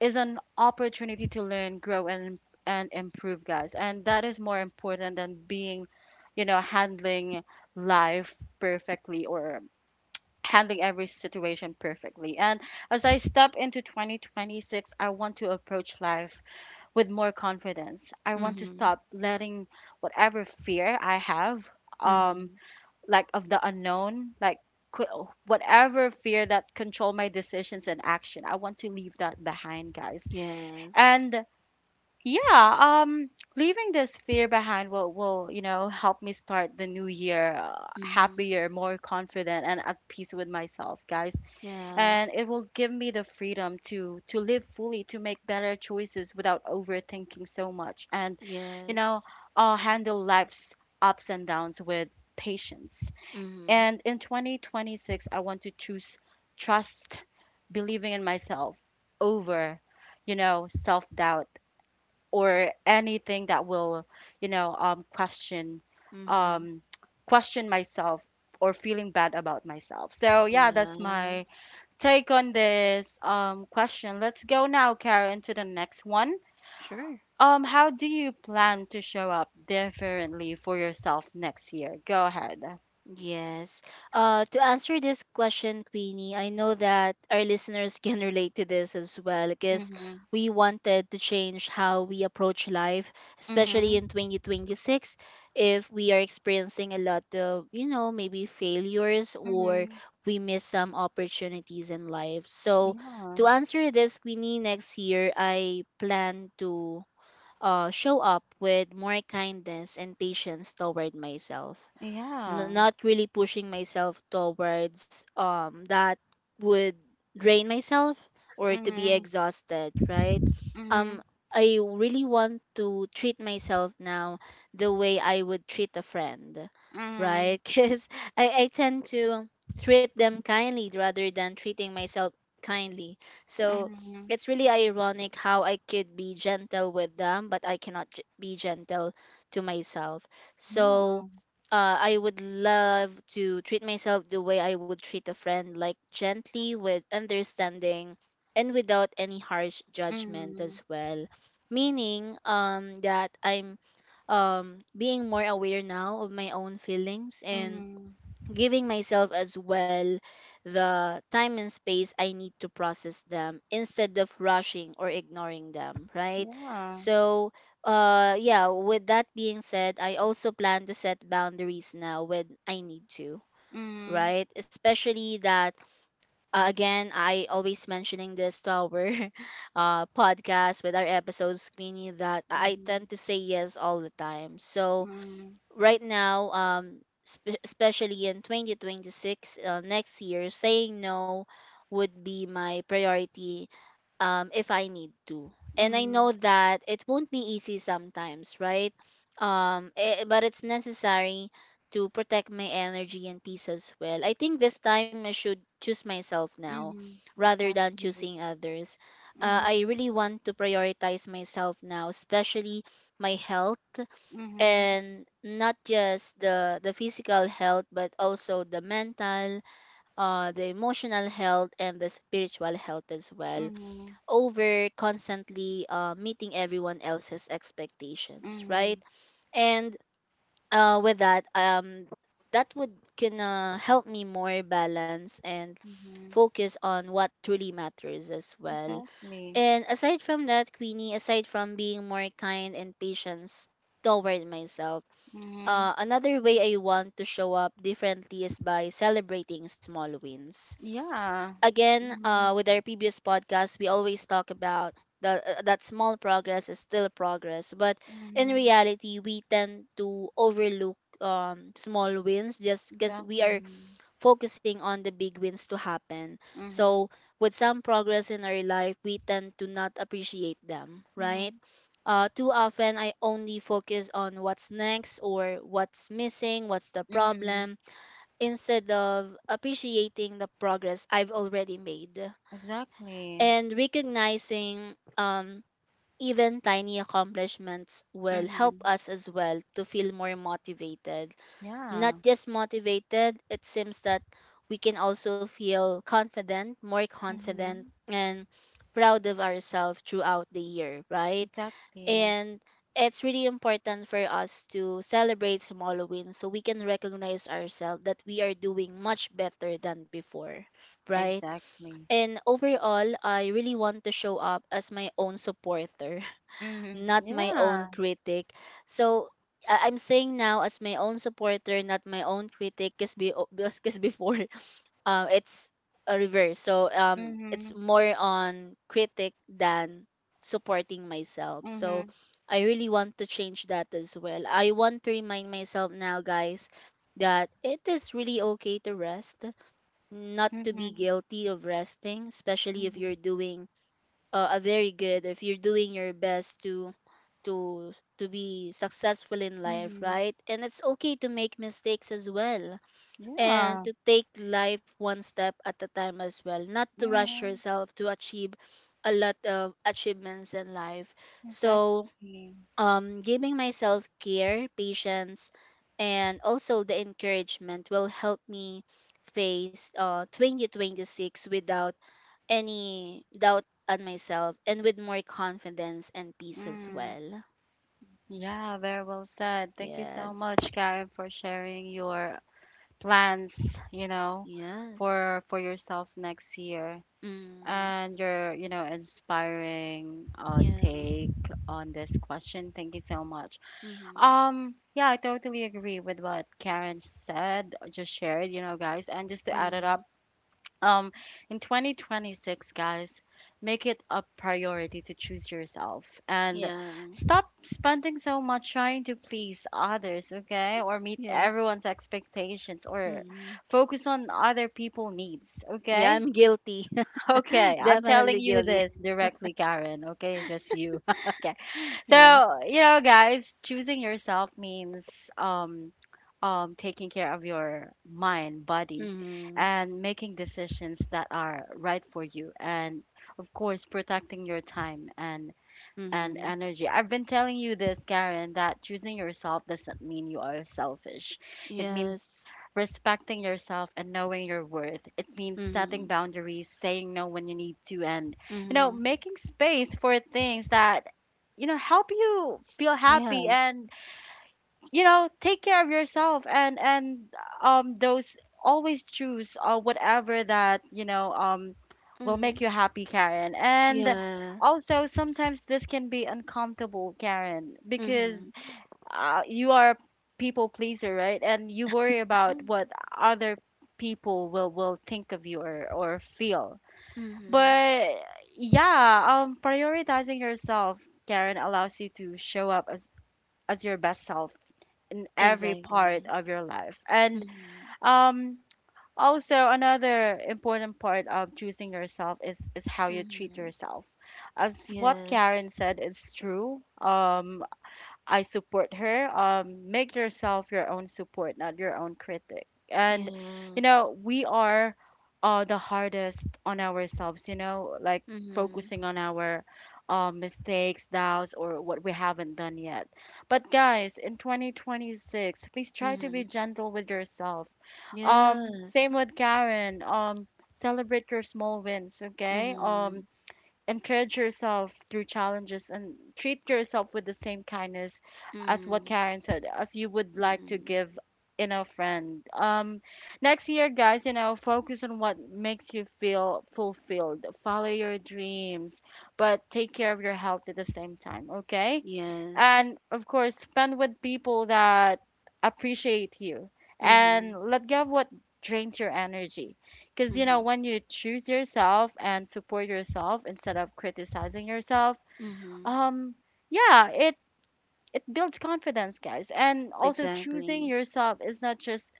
A: is an opportunity to learn, grow, and improve, guys. And that is more important than being, you know, handling life perfectly or handling every situation perfectly. And as I step into 2026, I want to approach life with more confidence. I want to
B: Mm-hmm.
A: stop letting whatever fear I have, um,
B: Mm-hmm.
A: like of the unknown, like whatever fear that control my decisions and action. I want to leave that behind, guys.
B: Yes.
A: And yeah, um, leaving this fear behind will, you know, help me start the new year,
B: Mm-hmm.
A: happier, more confident, and at peace with myself, guys.
B: Yeah.
A: And it will give me the freedom to live fully, to make better choices without overthinking so much. And you
B: Yes.
A: know, I'll handle life's ups and downs with patience.
B: Mm-hmm.
A: And in 2026, I want to choose trust, believing in myself, over, you know, self-doubt or anything that will, question,
B: Mm-hmm.
A: um question myself, or feeling bad about myself. So yeah, that's my
B: Yes.
A: take on this, question. Let's go now, Karen, to the next one.
B: Sure.
A: How do you plan to show up differently for yourself next year? Go ahead.
B: Yes. To answer this question, Queenie, I know that our listeners can relate to this as well, because
A: Mhm.
B: we wanted to change how we approach life, especially
A: Mhm.
B: in 2026, if we are experiencing a lot of, you know, maybe failures, or
A: Mhm.
B: we miss some opportunities in life. So,
A: Yeah.
B: to answer this, Queenie, next year I plan to show up with more kindness and patience toward myself,
A: Yeah.
B: not really pushing myself towards um, that would drain myself or to be
A: Mhm.
B: exhausted, right? Um,
A: Mhm.
B: I really want to treat myself now the way I would treat a friend,
A: Mhm.
B: right? Because I tend to treat them kindly rather than treating myself kindly. So,
A: Mhm.
B: it's really ironic how I could be gentle with them, but I cannot be gentle to myself. So
A: Yeah.
B: I would love to treat myself the way I would treat a friend, like gently, with understanding, and without any harsh judgment
A: Mhm.
B: as well. Meaning, that I'm um, being more aware now of my own feelings, and
A: Mhm.
B: giving myself as well the time and space I need to process them instead of rushing or ignoring them, right?
A: Yeah.
B: So, yeah, with that being said, I also plan to set boundaries now when I need to,
A: Mhm.
B: right? Especially that, again, I always mentioning this to our podcast with our episodes, meaning that I
A: Mhm.
B: tend to say yes all the time. So,
A: Mhm.
B: right now, especially in 2026, next year, saying no would be my priority if I need to. And I
A: Mhm.
B: know that it won't be easy sometimes, right? But it's necessary to protect my energy and peace as well. I think this time I should choose myself now
A: Mhm.
B: rather than
A: Exactly.
B: choosing others. I
A: Mhm.
B: really want to prioritize myself now, especially my health,
A: Mhm.
B: and not just the physical health but also the mental, the emotional health and the spiritual health as well,
A: Mhm.
B: over constantly meeting everyone else's expectations, right?
A: Mhm.
B: And with that that would can help me more balance and
A: Mhm.
B: focus on what truly matters as well.
A: Exactly.
B: And aside from that, Queenie, aside from being more kind and patient toward myself,
A: Mhm.
B: another way I want to show up differently is by celebrating small wins.
A: Yeah.
B: Again,
A: Mhm.
B: with our previous podcast, we always talk about that small progress is still progress, but in
A: Mhm.
B: reality, we tend to overlook small wins just because we are
A: Exactly.
B: focusing on the big wins to happen. So,
A: Mhm.
B: with some progress in our life, we tend to not appreciate them, right?
A: Mhm.
B: Too often, I only focus on what's next or what's missing, what's the
A: Mhm.
B: problem, instead of appreciating the progress I've already made
A: Exactly.
B: and recognizing even tiny accomplishments will help
A: Mhm.
B: us as well to feel more motivated. Not
A: Yeah.
B: just motivated, it seems that we can also feel confident, more confident,
A: Mhm.
B: and proud of ourselves throughout the year, right?
A: Exactly.
B: And it's really important for us to celebrate small wins so we can recognize ourselves that we are doing much better than before, right?
A: Exactly.
B: And overall, I really want to show up as my own supporter,
A: Mhm.
B: not my own
A: Yeah.
B: critic. So I'm saying now as my own supporter, not my own critic, because because before, it's a reverse. So it's
A: Mhm.
B: more on critic than supporting myself. So
A: Mhm.
B: I really want to change that as well. I want to remind myself now, guys, that it is really okay to rest, not to be
A: Mhm.
B: guilty of resting, especially if
A: Mhm.
B: you're doing a very good if you're doing your best to to to be successful in life,
A: Mhm.
B: right? And it's okay to make mistakes as well, and
A: Yeah.
B: to take life one step at a time as well, not to rush
A: Mhm.
B: yourself to achieve a lot of achievements in life. So
A: Exactly.
B: giving myself care, patience, and also the encouragement will help me face 2026 without any doubt on myself and with more confidence and peace as
A: Mm.
B: well.
A: Yeah, very well said. Thank you so much,
B: Yes.
A: Karen, for sharing your plans, you know,
B: Yes.
A: for yourself next year,
B: Mm,
A: and your, you know, inspiring
B: yeah.
A: take on this question. Thank you so much.
B: Mm-hmm.
A: Yeah, I totally agree with what Karen said, just shared, you know, guys, and just to add it up,
B: Mm,
A: um in 2026, guys, make it a priority to choose yourself and
B: yeah.
A: stop spending so much trying to please others, okay? Or meet
B: Yes.
A: everyone's expectations or
B: Mm-hmm.
A: focus on other people needs,
B: Yeah,
A: okay?
B: I'm guilty.
A: Okay, I'm telling
B: Definitely
A: you this
B: guilty.
A: directly, Karen, okay? Just you. Okay.
B: Yeah.
A: So, you know, guys, choosing yourself means taking care of your mind, body,
B: Mm-hmm.
A: and making decisions that are right for you, and of course protecting your time and
B: Mm-hmm.
A: energy. I've been telling you this, Karen, that choosing yourself doesn't mean you are selfish. It means
B: Yes.
A: respecting yourself and knowing your worth. It means
B: Mm-hmm.
A: setting boundaries, saying no when you need to, and, you know,
B: Mm-hmm.
A: making space for things that, you know, help you feel happy,
B: Yeah.
A: and you know, take care of yourself, and those, always choose whatever that, you know, um, will make
B: Mm-hmm.
A: you happy, Karen. And also
B: Yes.
A: sometimes this can be uncomfortable, Karen, because
B: Mm-hmm.
A: you are a people pleaser, right? And you worry about what other people will think of you, or feel.
B: Mm-hmm.
A: But yeah, um, prioritizing yourself, Karen, allows you to show up as your best self in every part
B: Exactly.
A: of your life. And
B: Mm-hmm.
A: um, also another important part of choosing yourself is how you treat
B: Mm-hmm.
A: yourself. As what
B: Yes.
A: Karen said, it's true. I support her. Make yourself your own support, not your own critic. And you
B: Yeah.
A: know, we are the hardest on ourselves. You know, like
B: Mm-hmm.
A: focusing on our mistakes, doubts, or what we haven't done yet. But guys, in 2026, please try to be
B: Mm-hmm.
A: gentle with yourself. Same
B: Yes.
A: with Karen. Celebrate your small wins. Okay.
B: Mm-hmm.
A: Encourage yourself through challenges and treat yourself with the same kindness, as what
B: Mm-hmm.
A: Karen said, as you would like to
B: Mm-hmm.
A: give in a friend. Next year, guys, you know, focus on what makes you feel fulfilled. Follow your dreams, but take care of your health at the same time, okay?
B: Yes.
A: And of course, spend with people that appreciate you, and
B: Mm-hmm.
A: let go of what drains your energy. Because you
B: Mm-hmm.
A: know, when you choose yourself and support yourself instead of criticizing yourself,
B: Mm-hmm.
A: um yeah, it builds confidence, guys. And also choosing
B: Exactly.
A: yourself is not just,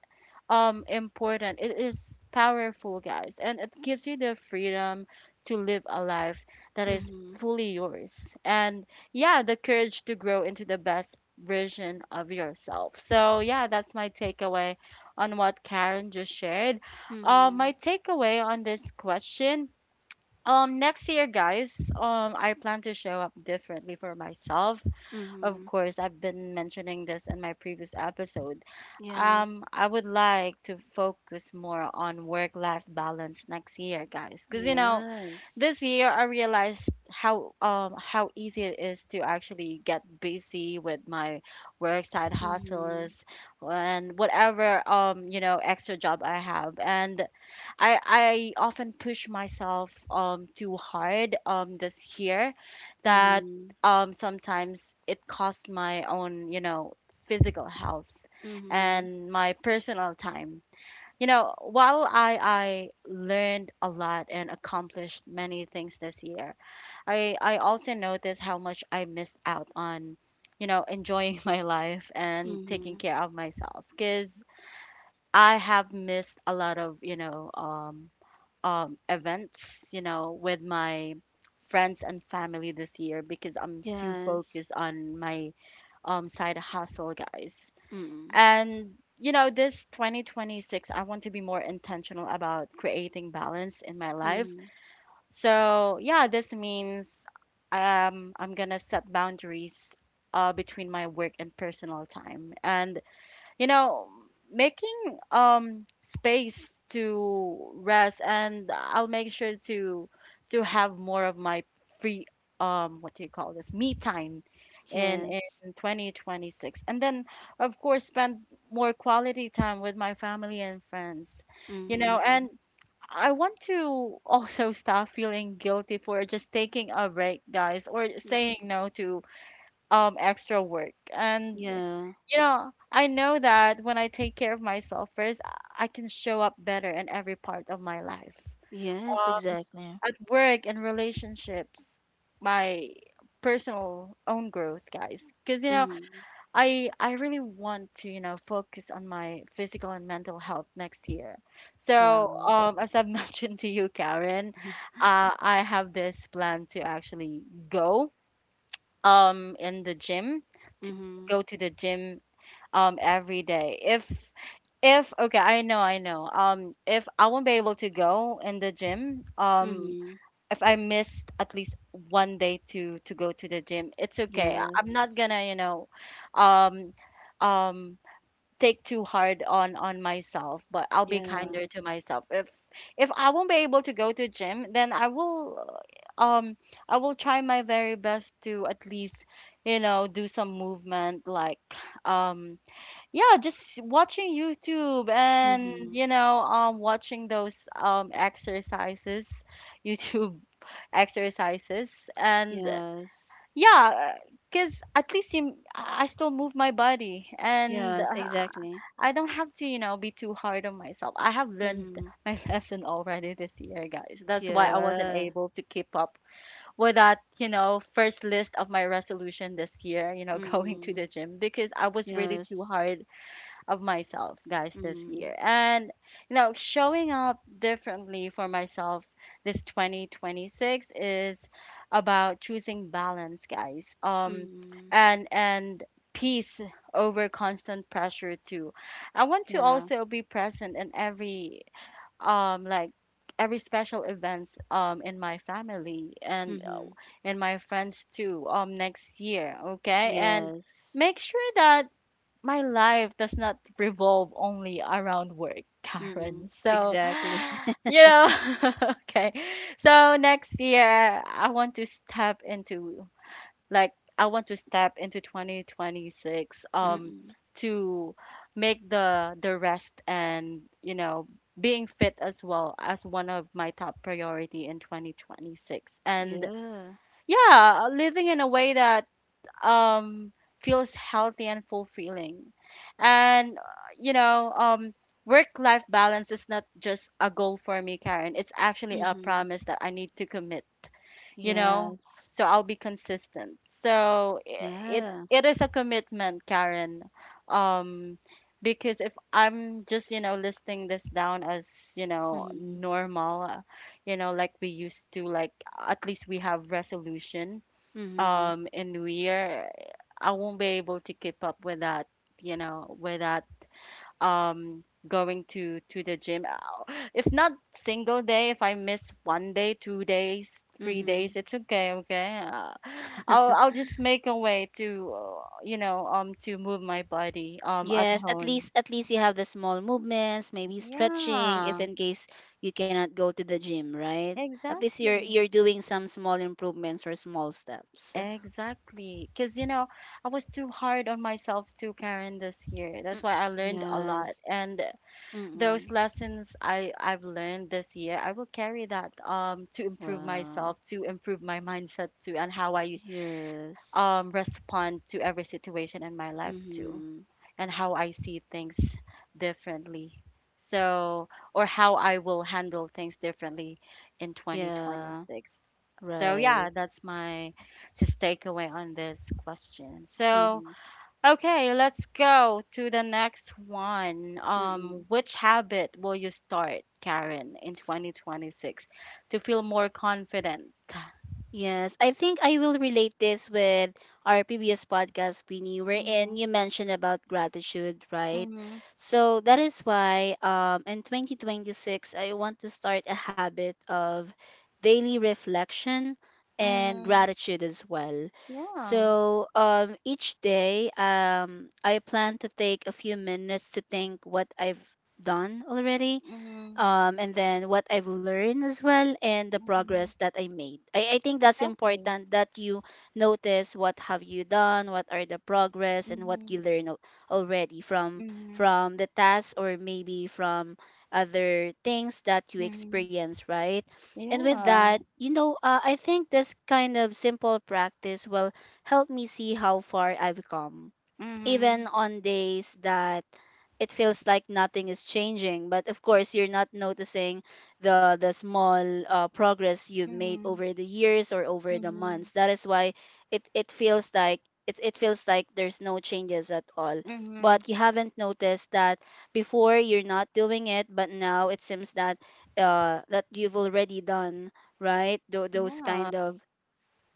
A: um, important. It is powerful, guys, and it gives you the freedom to live a life that is
B: Mm-hmm.
A: fully yours. And yeah, the courage to grow into the best version of yourself. So yeah, that's my takeaway on what Karen just shared. My
B: Mm-hmm.
A: takeaway on this question. Next year, guys, I plan to show up differently for myself. Of
B: Mm-hmm.
A: course, I've been mentioning this in my previous episodes.
B: Yes.
A: I would like to focus more on work-life balance next year, guys. Because you know,
B: Yes.
A: this year I realized how easy it is to actually get busy with my work side
B: Mm-hmm.
A: hustles and whatever you know extra job I have. And I often push myself too hard this year that
B: Mm-hmm.
A: sometimes it cost my own, you know, physical health
B: Mm-hmm.
A: and my personal time. You know, while I learned a lot and accomplished many things this year, I also noticed how much I missed out on, you know, enjoying my life and taking
B: Mm-hmm.
A: care of myself because I have missed a lot of, events, you know, with my friends and family this year because I'm too
B: Yes.
A: focused on my side hustle, guys.
B: Mm-hmm.
A: And, you know, this 2026, I want to be more intentional about creating balance in my life.
B: Mm-hmm.
A: So, yeah, this means I'm going to set boundaries between my work and personal time. And you know making space to rest, and I'll make sure to have more of my free what do you call this me time in
B: Yes.
A: 2026. And then of course spend more quality time with my family and friends, you
B: Mm-hmm.
A: know. And I want to also stop feeling guilty for just taking a break, guys, or
B: Mm-hmm.
A: saying no to extra work. And
B: Yeah.
A: you know, I know that when I take care of myself first, I can show up better in every part of my life,
B: Yes, exactly.
A: at work and relationships, my personal own growth, guys, because you know,
B: Mm-hmm.
A: I really want to, you know, focus on my physical and mental health next year. So
B: Wow.
A: as I've mentioned to you, Karen, I have this plan to actually go um in the gym to
B: Mhm.
A: go to the gym every day. If, okay, I know, if I won't be able to go in the gym,
B: Mhm.
A: if I missed at least one day to go to the gym, it's okay. I'm not
B: Yes.
A: gonna, you know, um um take too hard on myself, but I'll be
B: Yeah.
A: kinder to myself. If I won't be able to go to gym, then I will um I will try my very best to at least, you know, do some movement, like um yeah, just watching YouTube and,
B: Mhm.
A: you know, watching those exercises, YouTube exercises. And
B: Yes.
A: yeah, because at least you, I still move my body. And
B: Yes, exactly.
A: I don't have to, you know, be too hard on myself. I have learned
B: Mhm.
A: my lesson already this year, guys. That's why I wasn't
B: Yeah.
A: able to keep up with that, you know, first list of my resolution this year, you know, going to
B: Mhm.
A: the gym, because I was really too
B: Yes.
A: hard of myself, guys, this
B: Mhm.
A: year. And, you know, showing up differently for myself this 2026 is about choosing balance, guys. Um,
B: Mhm.
A: and, and, peace over constant pressure too. I want to
B: Yeah.
A: also be present in every um like every special events in my family
B: Mhm.
A: and my friends too next year, okay. And
B: Yes.
A: make sure that my life does not revolve only around work, Karen.
B: Mhm.
A: So,
B: Exactly.
A: you know, okay. So next year, I want to step into like I want to step into 2026,
B: Mhm.
A: to make the rest and, you know, being fit as well as one of my top priority in 2026. And
B: Yeah.
A: yeah, living in a way that um, feels healthy and fulfilling. And, you know, work life balance is not just a goal for me, Karen. It's actually a
B: Mhm.
A: promise that I need to commit, you know,
B: Yes.
A: so I'll be consistent. So i- it,
B: Yeah.
A: it is a commitment, Karen. Um, because if I'm just, you know, listing this down as, you know,
B: Mhm.
A: normal, you know, like we used to, like at least we have resolution
B: Mhm.
A: in New Year, I won't be able to keep up with that, you know, with that going to the gym. Ow. If not single day, if I miss one day, two days, three days,
B: Mhm.
A: it's okay, okay. I'll just make a way to, you know, to move my body at
B: Yes, at
A: home.
B: least, at least you have the small movements, maybe stretching if
A: Yeah,
B: in case you cannot go to the gym, right? At least you're
A: exactly.
B: you're doing some small improvements or small steps.
A: Exactly. Because, you know, I was too hard on myself too, Karen, this year. That's
B: Mm.
A: why I learned a lot.
B: Yes.
A: And those
B: Mm-mm.
A: lessons I've learned this year, I will carry that, to improve
B: Wow.
A: myself, to improve my mindset too, and how I
B: Yes.
A: respond to every situation in my life too,
B: Mm-hmm.
A: and how I see things differently. So, or how I will handle things differently in
B: Yeah.
A: 2026. So, yeah,
B: Right.
A: that's my just takeaway on this question. So,
B: Mm-hmm.
A: okay, let's go to the next one.
B: Mm-mm.
A: Which habit will you start, Karen, in 2026 to feel more confident?
B: Yes, I think I will relate this with our previous podcast, Queenie, wherein
A: Mm-hmm,
B: you mentioned about gratitude, right?
A: mm-hmm,
B: So that is why in 2026, I want to start a habit of daily reflection and
A: mm-hmm.
B: gratitude as well.
A: Yeah.
B: So each day, I plan to take a few minutes to think what I've done already,
A: Mm-hmm,
B: and then what I've learned as well and the progress
A: mm-hmm.
B: that I made. I think that's
A: Exactly.
B: important that you notice what have you done, what are the progress, and what you
A: Mm-hmm,
B: already
A: mm-hmm,
B: from the task, or maybe from other things that you
A: mm-hmm.
B: experience, right? And with
A: Yeah.
B: that, you know, I think this kind of simple practice will help me see how far I've come, even
A: Mm-hmm,
B: on days that it feels like nothing is changing. But of course you're not noticing the small progress you've made
A: mm-hmm,
B: over the years or over the
A: mm-hmm, mm-hmm.
B: months. That is why it, it feels like there's no changes at all, but you haven't noticed that before you're not doing it, but now it seems that you've already done, right?
A: Yeah.
B: Kind of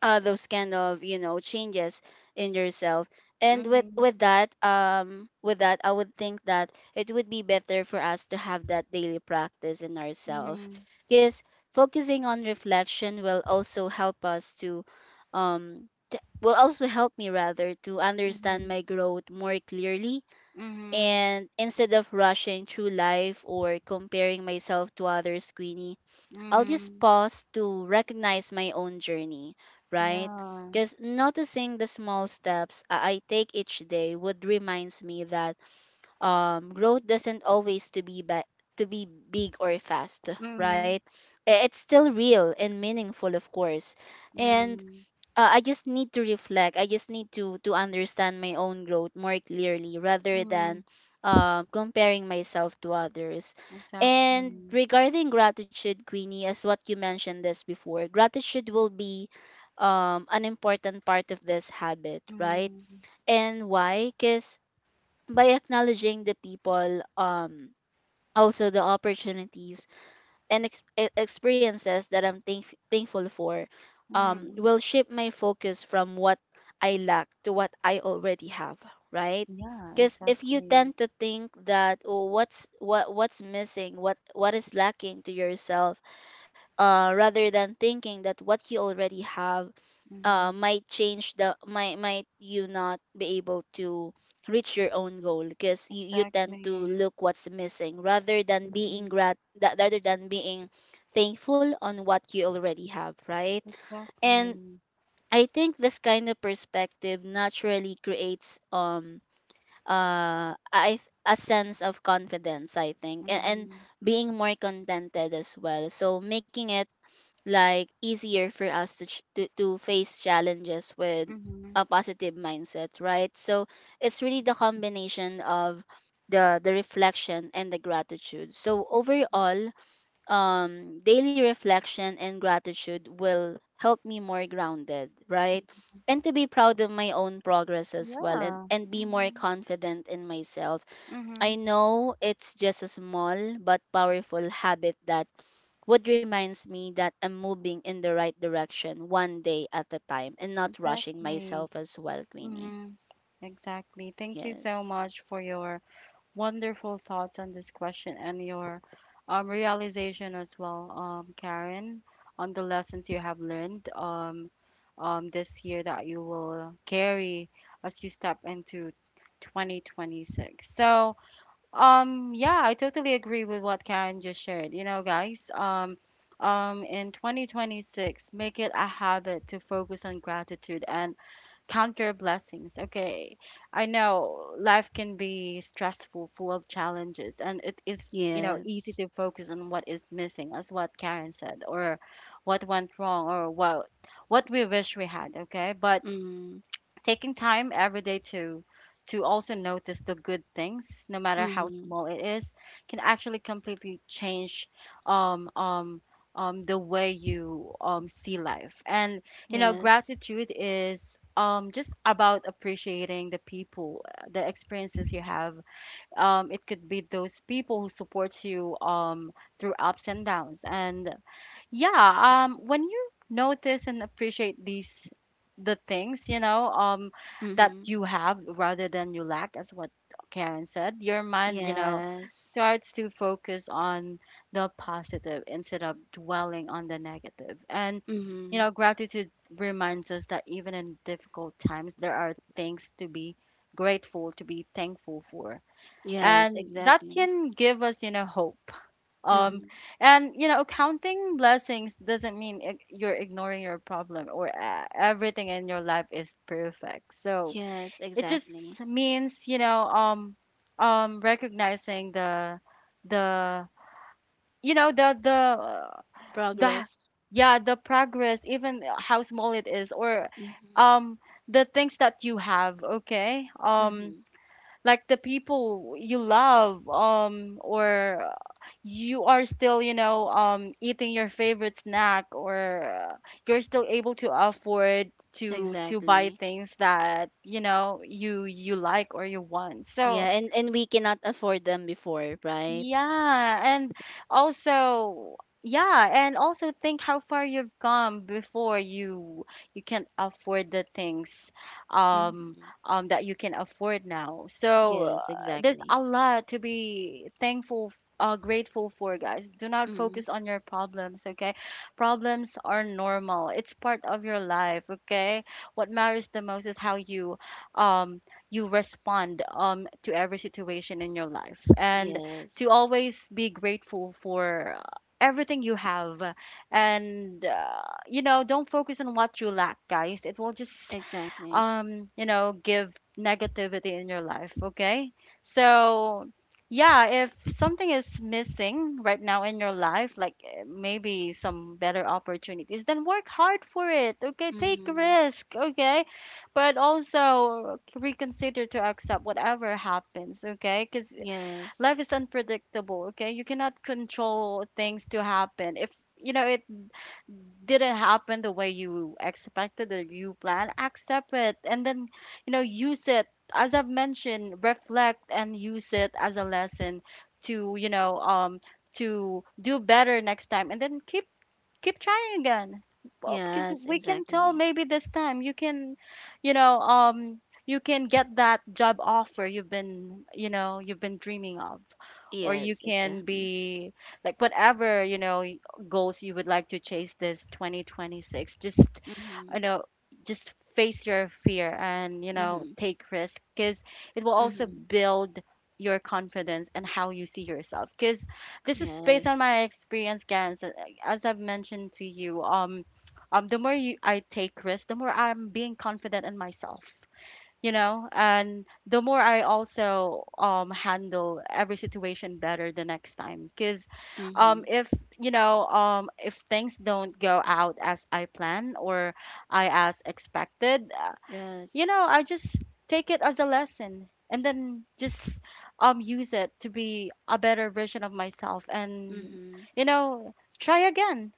B: uh, Those kind of, you know, changes in yourself. And with
A: Mm-hmm,
B: with that, I would think that it would be better for us to have that daily practice in ourselves,
A: mm-hmm,
B: because focusing on reflection will also help will also help me rather to understand
A: mm-hmm,
B: my growth more clearly.
A: mm-hmm,
B: And instead of rushing through life or comparing myself to others, Queenie, I'll just
A: mm-hmm.
B: pause to recognize my own journey, right?
A: Yeah.
B: Because noticing the small steps I take each day would reminds me that growth doesn't always to be ba- to be big or fast, right?
A: Mm-hmm,
B: It's still real and meaningful, of course. And
A: mm-hmm.
B: I just need to reflect. I just need to understand my own growth more clearly, rather than
A: Mm,
B: comparing myself to others. And
A: exactly.
B: regarding gratitude, Queenie, as what you mentioned this before, gratitude will be an important part of this habit, right?
A: Mm,
B: And why? Because by acknowledging the people, also the opportunities and experiences that I'm thankful for,
A: mm,
B: will shift my focus from what I lack to what I already have, right?
A: yeah,
B: Because if you
A: exactly.
B: tend to think that, oh, what's missing, what is lacking to yourself, rather than thinking that what you already have,
A: Mm-hmm.
B: might change the might you not be able to reach your own goal, because you tend to
A: Exactly.
B: look what's missing rather than being thankful on what you already have, right? And
A: Exactly.
B: I think this kind of perspective naturally creates a sense of confidence, I think, and
A: Mm-hmm.
B: being more contented as well, so making it like easier for us to to face challenges with
A: Mm-hmm.
B: a positive mindset, right? So it's really the combination of the reflection and the gratitude. So overall, daily reflection and gratitude will help me more grounded, right? And to be proud of my own progress as well,
A: Yeah.
B: and be more
A: Mm-hmm.
B: confident in myself. I
A: Mm-hmm.
B: know it's just a small but powerful habit that what reminds me that I'm moving in the right direction, one day at a time, and not rushing
A: Exactly.
B: myself as well, Queenie.
A: Mm-hmm. Exactly. Thank you so
B: Yes.
A: much for your wonderful thoughts on this question and your realization as well, Karen, on the lessons you have learned, this year, that you will carry as you step into 2026. So, yeah, I totally agree with what Karen just shared. You know, guys, in 2026, make it a habit to focus on gratitude and count your blessings. Okay. I know life can be stressful, full of challenges, and it is, you know, easy
B: Yes.
A: to focus on what is missing, as what Karen said, or what went wrong, or what we wish we had. Okay. But
B: Mm.
A: taking time every day to also notice the good things, no matter how
B: Mm-hmm.
A: small it is, can actually completely change um um the way you see life. And you know,
B: Yes.
A: gratitude is just about appreciating the people, the experiences you have. It could be those people who support you through ups and downs. And yeah, when you notice and appreciate these, the things, you know, that
B: Mm-hmm.
A: you have rather than you lack, as what Karen said, your mind, you know,
B: Yes.
A: starts to focus on the positive instead of dwelling on the negative negative. And
B: Mm-hmm.
A: you know, gratitude reminds us that even in difficult times, there are things to be grateful, to be thankful for,
B: Yes,
A: and that
B: exactly.
A: can give us, you know, hope. um,
B: Mm-hmm.
A: and you know, counting blessings doesn't mean you're ignoring your problem, or everything in your life is perfect. So
B: Yes,
A: it just
B: exactly.
A: means, you know, recognizing the, you know,
B: Progress.
A: the yeah, the progress, even how small it is, or
B: Mm-hmm.
A: um the things that you have. Okay,
B: Mm-hmm.
A: like the people you love, or you are still, you know, eating your favorite snack, or you're still able to afford to buy
B: Exactly.
A: things that, you know, you like or you want. So
B: Yeah, and we cannot afford them before, right?
A: yeah, and also yeah, and also think how far you've come before you can afford the things um
B: Mm-hmm.
A: that you can afford now. So
B: Yes,
A: there's
B: exactly.
A: a lot to be thankful, grateful for, guys. Do not
B: Mm-hmm.
A: focus on your problems, okay? Problems are normal. It's part of your life, okay? What matters the most is how you um you respond to every situation in your life. And to
B: Yes.
A: always be grateful for everything you have and don't focus on what you lack, guys. It will just
B: Exactly.
A: give negativity in your life, okay? So yeah, if something is missing right now in your life, like maybe some better opportunities, then work hard for it, okay? Take
B: Mm-hmm.
A: risk, okay? But also reconsider to accept whatever happens, okay? Because life
B: Yes.
A: is unpredictable, okay? You cannot control things to happen. If it didn't happen the way you expected or you planned, accept it, and then use it, as I've mentioned, reflect and use it as a lesson to, to do better next time, and then keep trying again. Because
B: Yes,
A: we can tell,
B: exactly.
A: maybe this time you can, you can get that job offer you've been, you've been dreaming of. Or
B: Yes,
A: you can
B: exactly.
A: be like whatever, goals you would like to chase this 2026. Just,
B: Mm-hmm.
A: you know just face your fear and
B: Mm-hmm.
A: take risk, because it will also
B: Mm-hmm.
A: build your confidence and how you see yourself. Because this is based on
B: Yes.
A: my experience, Karen. As I've mentioned to you, the more you, I take risks, the more I'm being confident in myself, and the more I also handle every situation better the next time. Because,
B: Mm-hmm.
A: if if things don't go out as I plan or I as expected,
B: Yes.
A: I just take it as a lesson, and then just use it to be a better version of myself, and
B: Mm-hmm.
A: you know try again.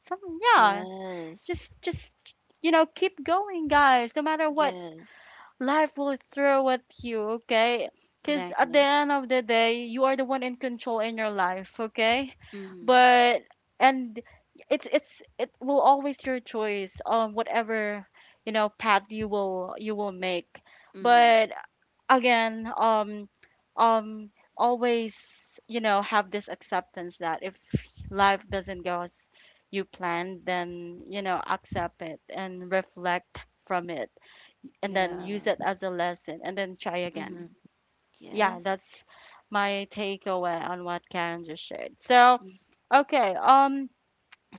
A: Some, yeah,
B: Yes.
A: just keep going, guys, no matter what
B: Yes.
A: life will throw at you, okay? Because at the
B: Exactly.
A: end of the day, you are the one in control in your life, okay?
B: Mm-hmm.
A: But and it's it will always your choice on whatever path you will make.
B: Mm-hmm.
A: But again, um, always, have this acceptance that if life doesn't go as you planned, then accept it and reflect from it, and then
B: Yeah.
A: use it as a lesson, and then try again.
B: Mm-hmm.
A: Yeah, that's
B: Yes.
A: my takeaway on what Karen just shared. So, okay,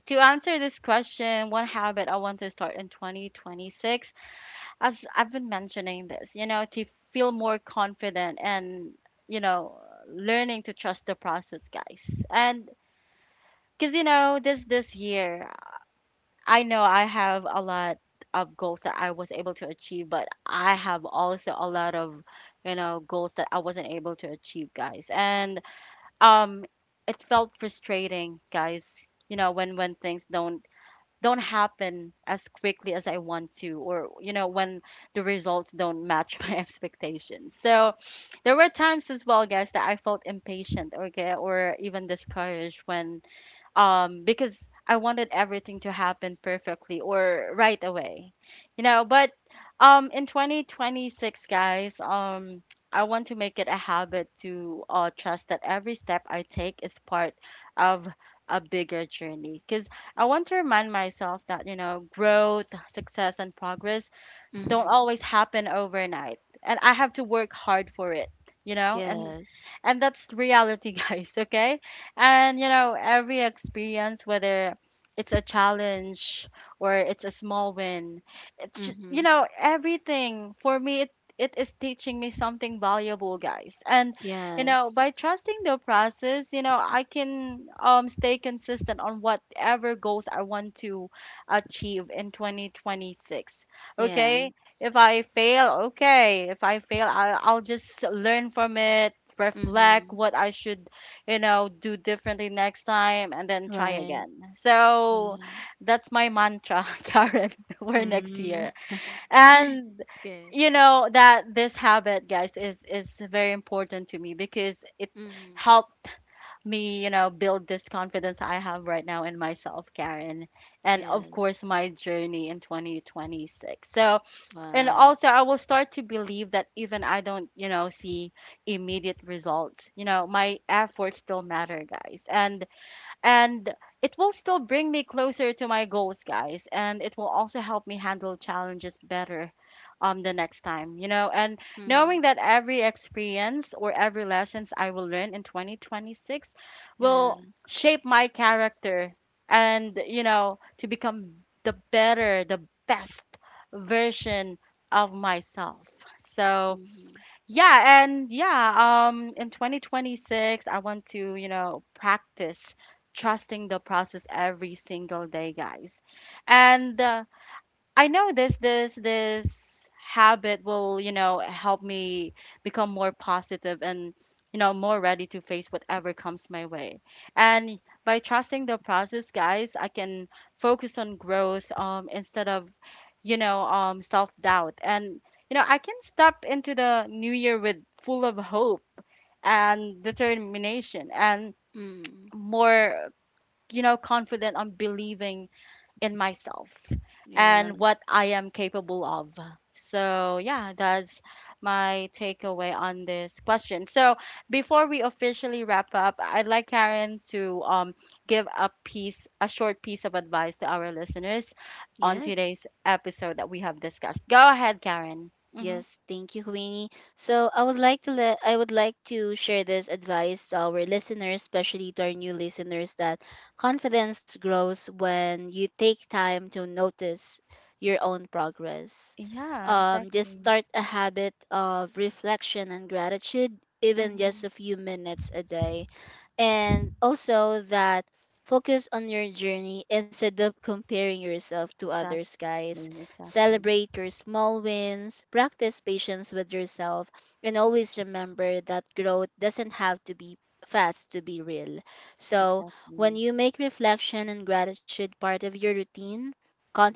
A: to answer this question, one habit I want to start in 2026, as I've been mentioning this, to feel more confident and, you know, learning to trust the process, guys. And because, this year, I know I have a lot of goals that I was able to achieve, but I have also a lot of, goals that I wasn't able to achieve, guys. And um it felt frustrating, guys, when things don't happen as quickly as I want to, or when the results don't match my expectations. So there were times as well, guys, that I felt impatient, okay, or even discouraged when, because I wanted everything to happen perfectly or right away, but in 2026, guys, I want to make it a habit to trust that every step I take is part of a bigger journey, because I want to remind myself that, growth, success, and progress don't
B: Mm-hmm.
A: always happen overnight, and I have to work hard for it, and
B: Yes.
A: that's the reality. Guys, okay, and every experience, whether it's a challenge or it's a small win, it's just,
B: Mm-hmm.
A: everything for me, it is teaching me something valuable, guys. And
B: Yes.
A: by trusting the process, I can stay consistent on whatever goals I want to achieve in 2026, okay?
B: Yes.
A: If I fail, okay. If I fail, I'll just learn from it, reflect
B: Mm-hmm.
A: what I should, do differently next time, and then try
B: Right.
A: again. So
B: Yeah.
A: that's my mantra, Karen, for next
B: Mm.
A: year. And,
B: It's good.
A: that this habit, guys, is very important to me, because it
B: Mm-hmm.
A: helped me, build this confidence I have right now in myself, Karen, and of course
B: Yes.
A: my journey in 2026. So and
B: Wow.
A: also, I will start to believe that even I don't, see immediate results, my efforts still matter, guys. And it will still bring me closer to my goals, guys, and it will also help me handle challenges better the next time, and
B: Mm-hmm.
A: knowing that every experience or every lessons I will learn in 2026
B: Yeah.
A: will shape my character, and to become the better the best version of myself. So
B: Mm-hmm.
A: yeah, and yeah, in 2026, I want to, practice trusting the process every single day, guys. And I know this this habit will, help me become more positive and, more ready to face whatever comes my way. And by trusting the process, guys, I can focus on growth instead of, self-doubt. And, I can step into the new year with full of hope and determination, and
B: Mm.
A: more, confident on believing in myself
B: Yeah.
A: and what I am capable of. So yeah, that's my takeaway on this question. So, before we officially wrap up, I'd like Karen to give a piece, a short piece of advice to our listeners on
B: Yes.
A: today's episode that we have discussed. Go ahead, Karen. Hmm.
B: Yes. Thank you, Queenie. So I would like to share this advice to our listeners, especially to our new listeners, that confidence grows when you take time to notice your own progress.
A: Yeah,
B: Just
A: exactly.
B: start a habit of reflection and gratitude, even just
A: Hmm.
B: a few minutes a day. And also that focus on your journey instead of comparing yourself to others, guys.
A: Exactly, exactly,
B: Celebrate your small wins, practice patience with yourself, and always remember that growth doesn't have to be fast to be real. So when
A: exactly.
B: you make reflection and gratitude part of your routine,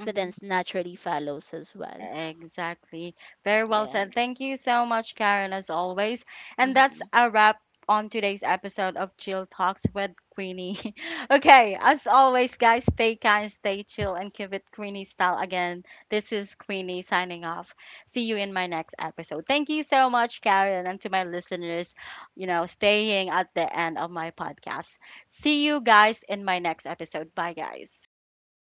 A: Mm-hmm.
B: naturally follows as well.
A: Exactly. Very well said.
B: Yes.
A: Thank you so much, Karen, as always. And that's
B: Hmm.
A: a wrap on today's episode of Chill Talks with Queenie. Okay, as always, guys, stay kind, stay chill, and keep it Queenie style again. This is Queenie signing off. See you in my next episode. Thank you so much, Karen, and to my listeners, staying at the end of my podcast. See you guys in my next episode. Bye, guys.
B: Bye.